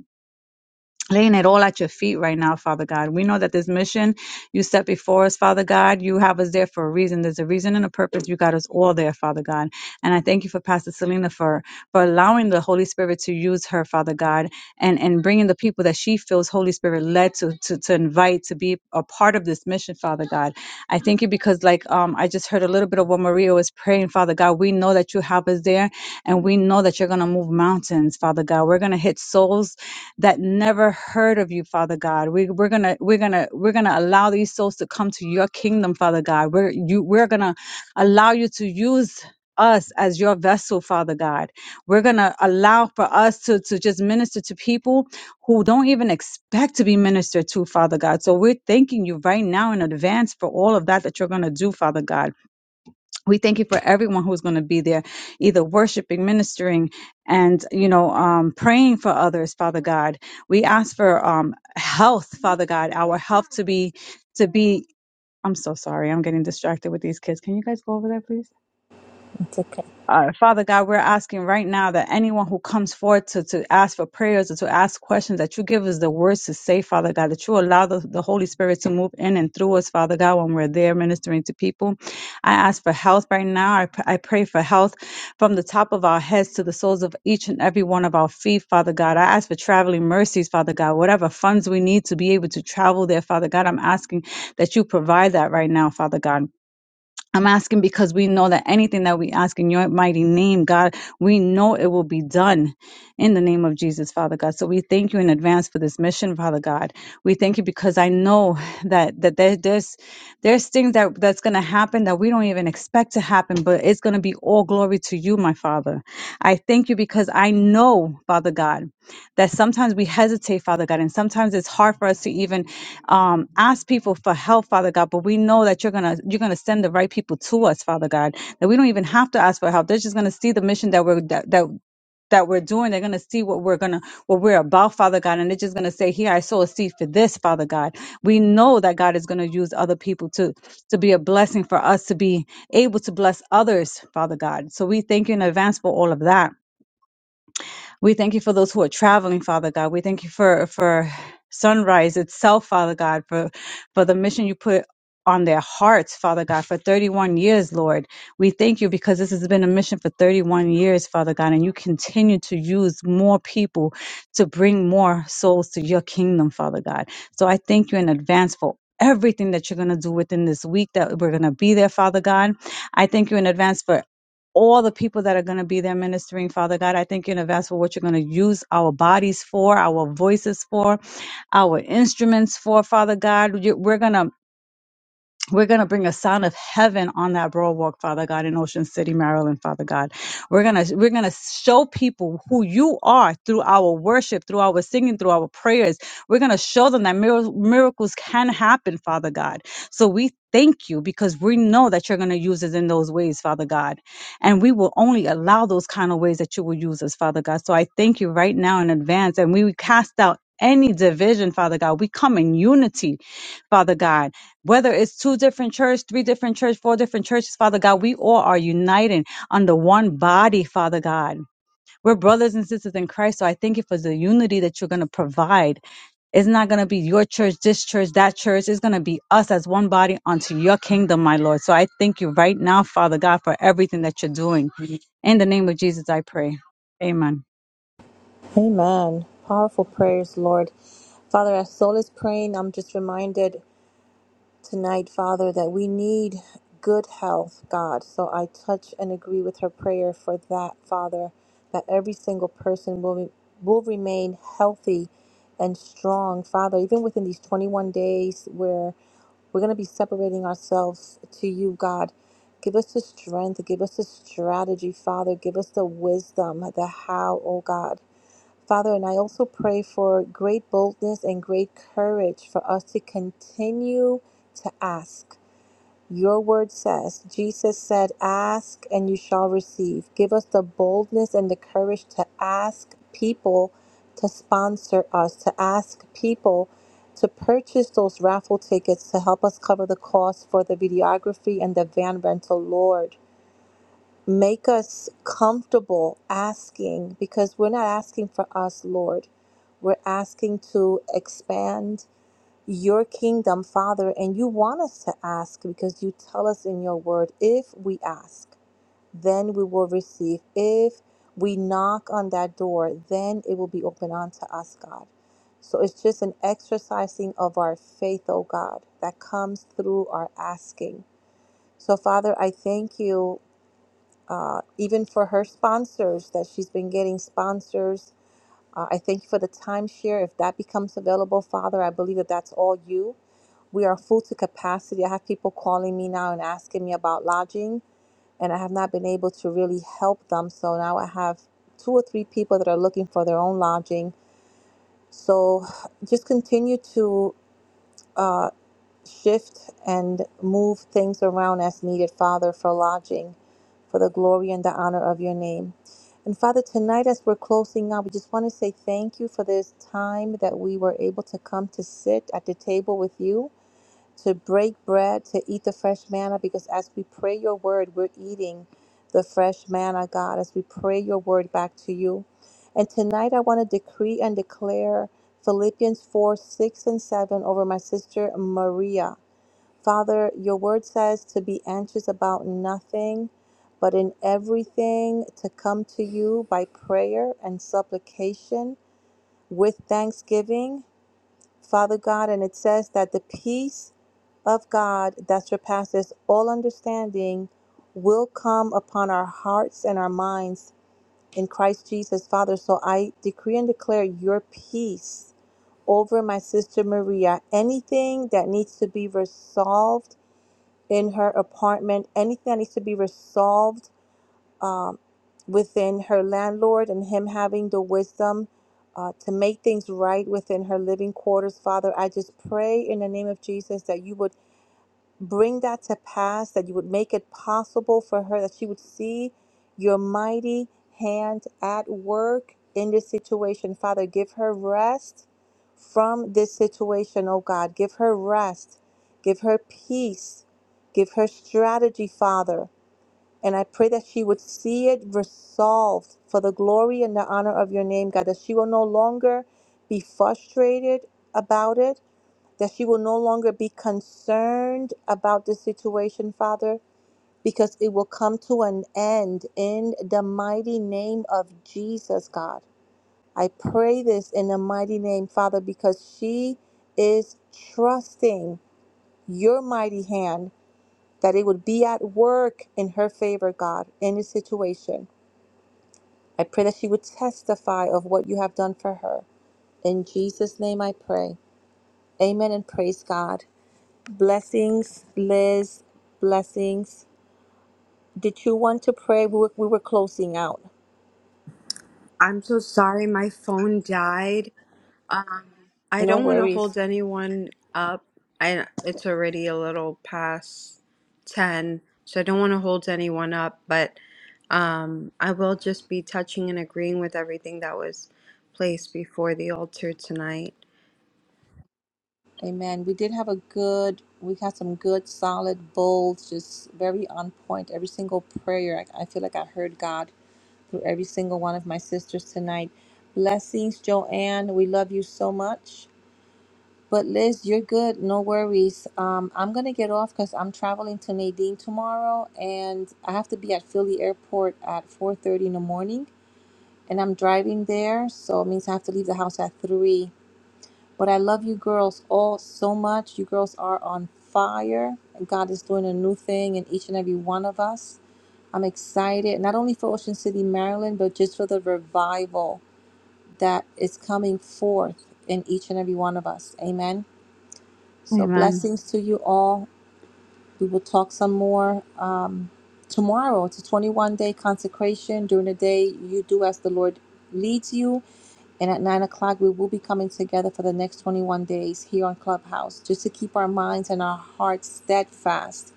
laying it all at your feet right now, Father God. We know that this mission you set before us, Father God, you have us there for a reason. There's a reason and a purpose. You got us all there, Father God. And I thank you for Pastor Selena for, for allowing the Holy Spirit to use her, Father God, and, and bringing the people that she feels Holy Spirit led to, to, to invite to be a part of this mission, Father God. I thank you because like, um, I just heard a little bit of what Maria was praying, Father God. We know that you have us there and we know that you're going to move mountains, Father God. We're going to hit souls that never heard of you, Father God. We, we're gonna we're gonna we're gonna allow these souls to come to your kingdom, Father God. We're you we're gonna allow you to use us as your vessel, Father God. We're gonna allow for us to to just minister to people who don't even expect to be ministered to, Father God. So we're thanking you right now in advance for all of that that you're gonna do, Father God we thank you for everyone who's going to be there either worshiping ministering and you know um, praying for others father god we ask for um, health father god our health to be to be i'm so sorry i'm getting distracted with these kids can you guys go over there please
It's okay.
uh, Father God, we're asking right now that anyone who comes forward to, to ask for prayers or to ask questions, that you give us the words to say, Father God, that you allow the, the Holy Spirit to move in and through us, Father God, when we're there ministering to people. I ask for health right now. I, pr- I pray for health from the top of our heads to the soles of each and every one of our feet, Father God. I ask for traveling mercies, Father God, whatever funds we need to be able to travel there, Father God. I'm asking that you provide that right now, Father God. I'm asking because we know that anything that we ask in your mighty name, God, we know it will be done in the name of Jesus, Father God. So we thank you in advance for this mission, Father God. We thank you because I know that that there, there's there's things that that's going to happen that we don't even expect to happen, but it's going to be all glory to you, my Father. I thank you because I know, Father God, that sometimes we hesitate, Father God, and sometimes it's hard for us to even um, ask people for help, Father God. But we know that you're gonna you're gonna send the right people to us, Father God. That we don't even have to ask for help. They're just gonna see the mission that we're that that that we're doing. They're gonna see what we're gonna what we're about, Father God, and they're just gonna say, "Here, I sow a seed for this, Father God." We know that God is gonna use other people to to be a blessing for us to be able to bless others, Father God. So we thank you in advance for all of that. We thank you for those who are traveling, Father God. We thank you for for sunrise itself, Father God, for for the mission you put on their hearts, Father God, for 31 years, Lord. We thank you because this has been a mission for 31 years, Father God, and you continue to use more people to bring more souls to your kingdom, Father God. So I thank you in advance for everything that you're going to do within this week that we're going to be there, Father God. I thank you in advance for all the people that are going to be there ministering, Father God. I thank you in advance for what you're going to use our bodies for, our voices for, our instruments for, Father God. You- We're going to we're going to bring a sound of heaven on that boardwalk, Father God, in Ocean City, Maryland, Father God. We're going to we're going to show people who you are through our worship, through our singing, through our prayers. We're going to show them that mir- miracles can happen, Father God. So we thank you because we know that you're going to use us in those ways, Father God. And we will only allow those kind of ways that you will use us, Father God. So I thank you right now in advance and we cast out any division, Father God. We come in unity, Father God whether it's two different church, three different church, four different churches, Father God, we all are uniting under one body, Father God. We're brothers and sisters in Christ, so I thank you for the unity that you're going to provide. It's not going to be your church, this church, that church. It's going to be us as one body unto your kingdom, my Lord. So I thank you right now, Father God, for everything that you're doing. In the name of Jesus, I pray. Amen.
Amen. Powerful prayers, Lord. Father, as Soul is praying, I'm just reminded. tonight, Father, that we need good health, God. So I touch and agree with her prayer for that, Father, that every single person will re- will remain healthy and strong, Father, even within these 21 days where we're going to be separating ourselves to you, God. Give us the strength, give us the strategy, Father. Give us the wisdom, the how, oh God. Father, and I also pray for great boldness and great courage for us to continue to ask. Your word says, Jesus said, Ask and you shall receive. Give us the boldness and the courage to ask people to sponsor us, to ask people to purchase those raffle tickets to help us cover the cost for the videography and the van rental, Lord. Make us comfortable asking because we're not asking for us, Lord. We're asking to expand your kingdom, Father. And you want us to ask because you tell us in your word if we ask, then we will receive. If we knock on that door, then it will be open unto us, God. So it's just an exercising of our faith, oh God, that comes through our asking. So, Father, I thank you uh, even for her sponsors that she's been getting sponsors. Uh, I thank you for the timeshare. If that becomes available, Father, I believe that that's all you. We are full to capacity. I have people calling me now and asking me about lodging, and I have not been able to really help them. So now I have two or three people that are looking for their own lodging. So just continue to uh, shift and move things around as needed, Father, for lodging, for the glory and the honor of your name. And Father, tonight as we're closing out, we just want to say thank you for this time that we were able to come to sit at the table with you, to break bread, to eat the fresh manna, because as we pray your word, we're eating the fresh manna, God, as we pray your word back to you. And tonight I want to decree and declare Philippians 4 6 and 7 over my sister Maria. Father, your word says to be anxious about nothing, but in everything to come to you by prayer and supplication with thanksgiving, Father God. And it says that the peace of God that surpasses all understanding will come upon our hearts and our minds in Christ Jesus, Father. So I decree and declare your peace over my sister Maria. Anything that needs to be resolved in her apartment, anything that needs to be resolved um, within her landlord and him having the wisdom uh, to make things right within her living quarters. Father, I just pray in the name of Jesus that you would bring that to pass, that you would make it possible for her, that she would see your mighty hand at work in this situation. Father, give her rest from this situation, oh God. Give her rest, give her peace, give her strategy, Father. And I pray that she would see it resolved for the glory and the honor of your name, God, that she will no longer be frustrated about it that she will no longer be concerned about this situation, Father, because it will come to an end in the mighty name of Jesus, God. I pray this in the mighty name, Father, because she is trusting your mighty hand that it would be at work in her favor, God, in this situation. I pray that she would testify of what you have done for her. In Jesus' name I pray. Amen and praise God. Blessings, Liz. Blessings. Did you want to pray? We were, we were closing out.
I'm so sorry. My phone died. Uh, I
No
don't want to
worries.
hold anyone up. I, it's already a little past 10, so I don't want to hold anyone up, but um, I will just be touching and agreeing with everything that was placed before the altar tonight.
Amen. We did have a good, we had some good, solid, bold, just very on point. Every single prayer, I, I feel like I heard God through every single one of my sisters tonight. Blessings, Joanne. We love you so much. But Liz, you're good. No worries. Um, I'm gonna get off because I'm traveling to Nadine tomorrow, and I have to be at Philly Airport at 4:30 in the morning, and I'm driving there, so it means I have to leave the house at three. But I love you girls all so much. You girls are on fire, and God is doing a new thing in each and every one of us. I'm excited, not only for Ocean City, Maryland, but just for the revival that is coming forth in each and every one of us. Amen. So
Amen.
blessings to you all. We will talk some more um, tomorrow. It's a 21 day consecration. During the day, you do as the Lord leads you. And at 9 o'clock, we will be coming together for the next 21 days here on Clubhouse just to keep our minds and our hearts steadfast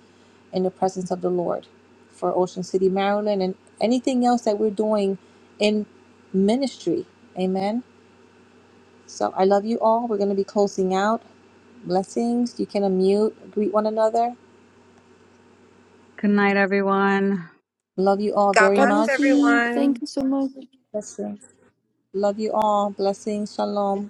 in the presence of the Lord for Ocean City, Maryland, and anything else that we're doing in ministry. Amen. So I love you all. We're going to be closing out. Blessings. You can unmute, greet one another.
Good night, everyone.
Love you all
God
very
God
bless
bless
much.
you.
everyone.
Thank you so much.
Love you all. Blessings. Shalom.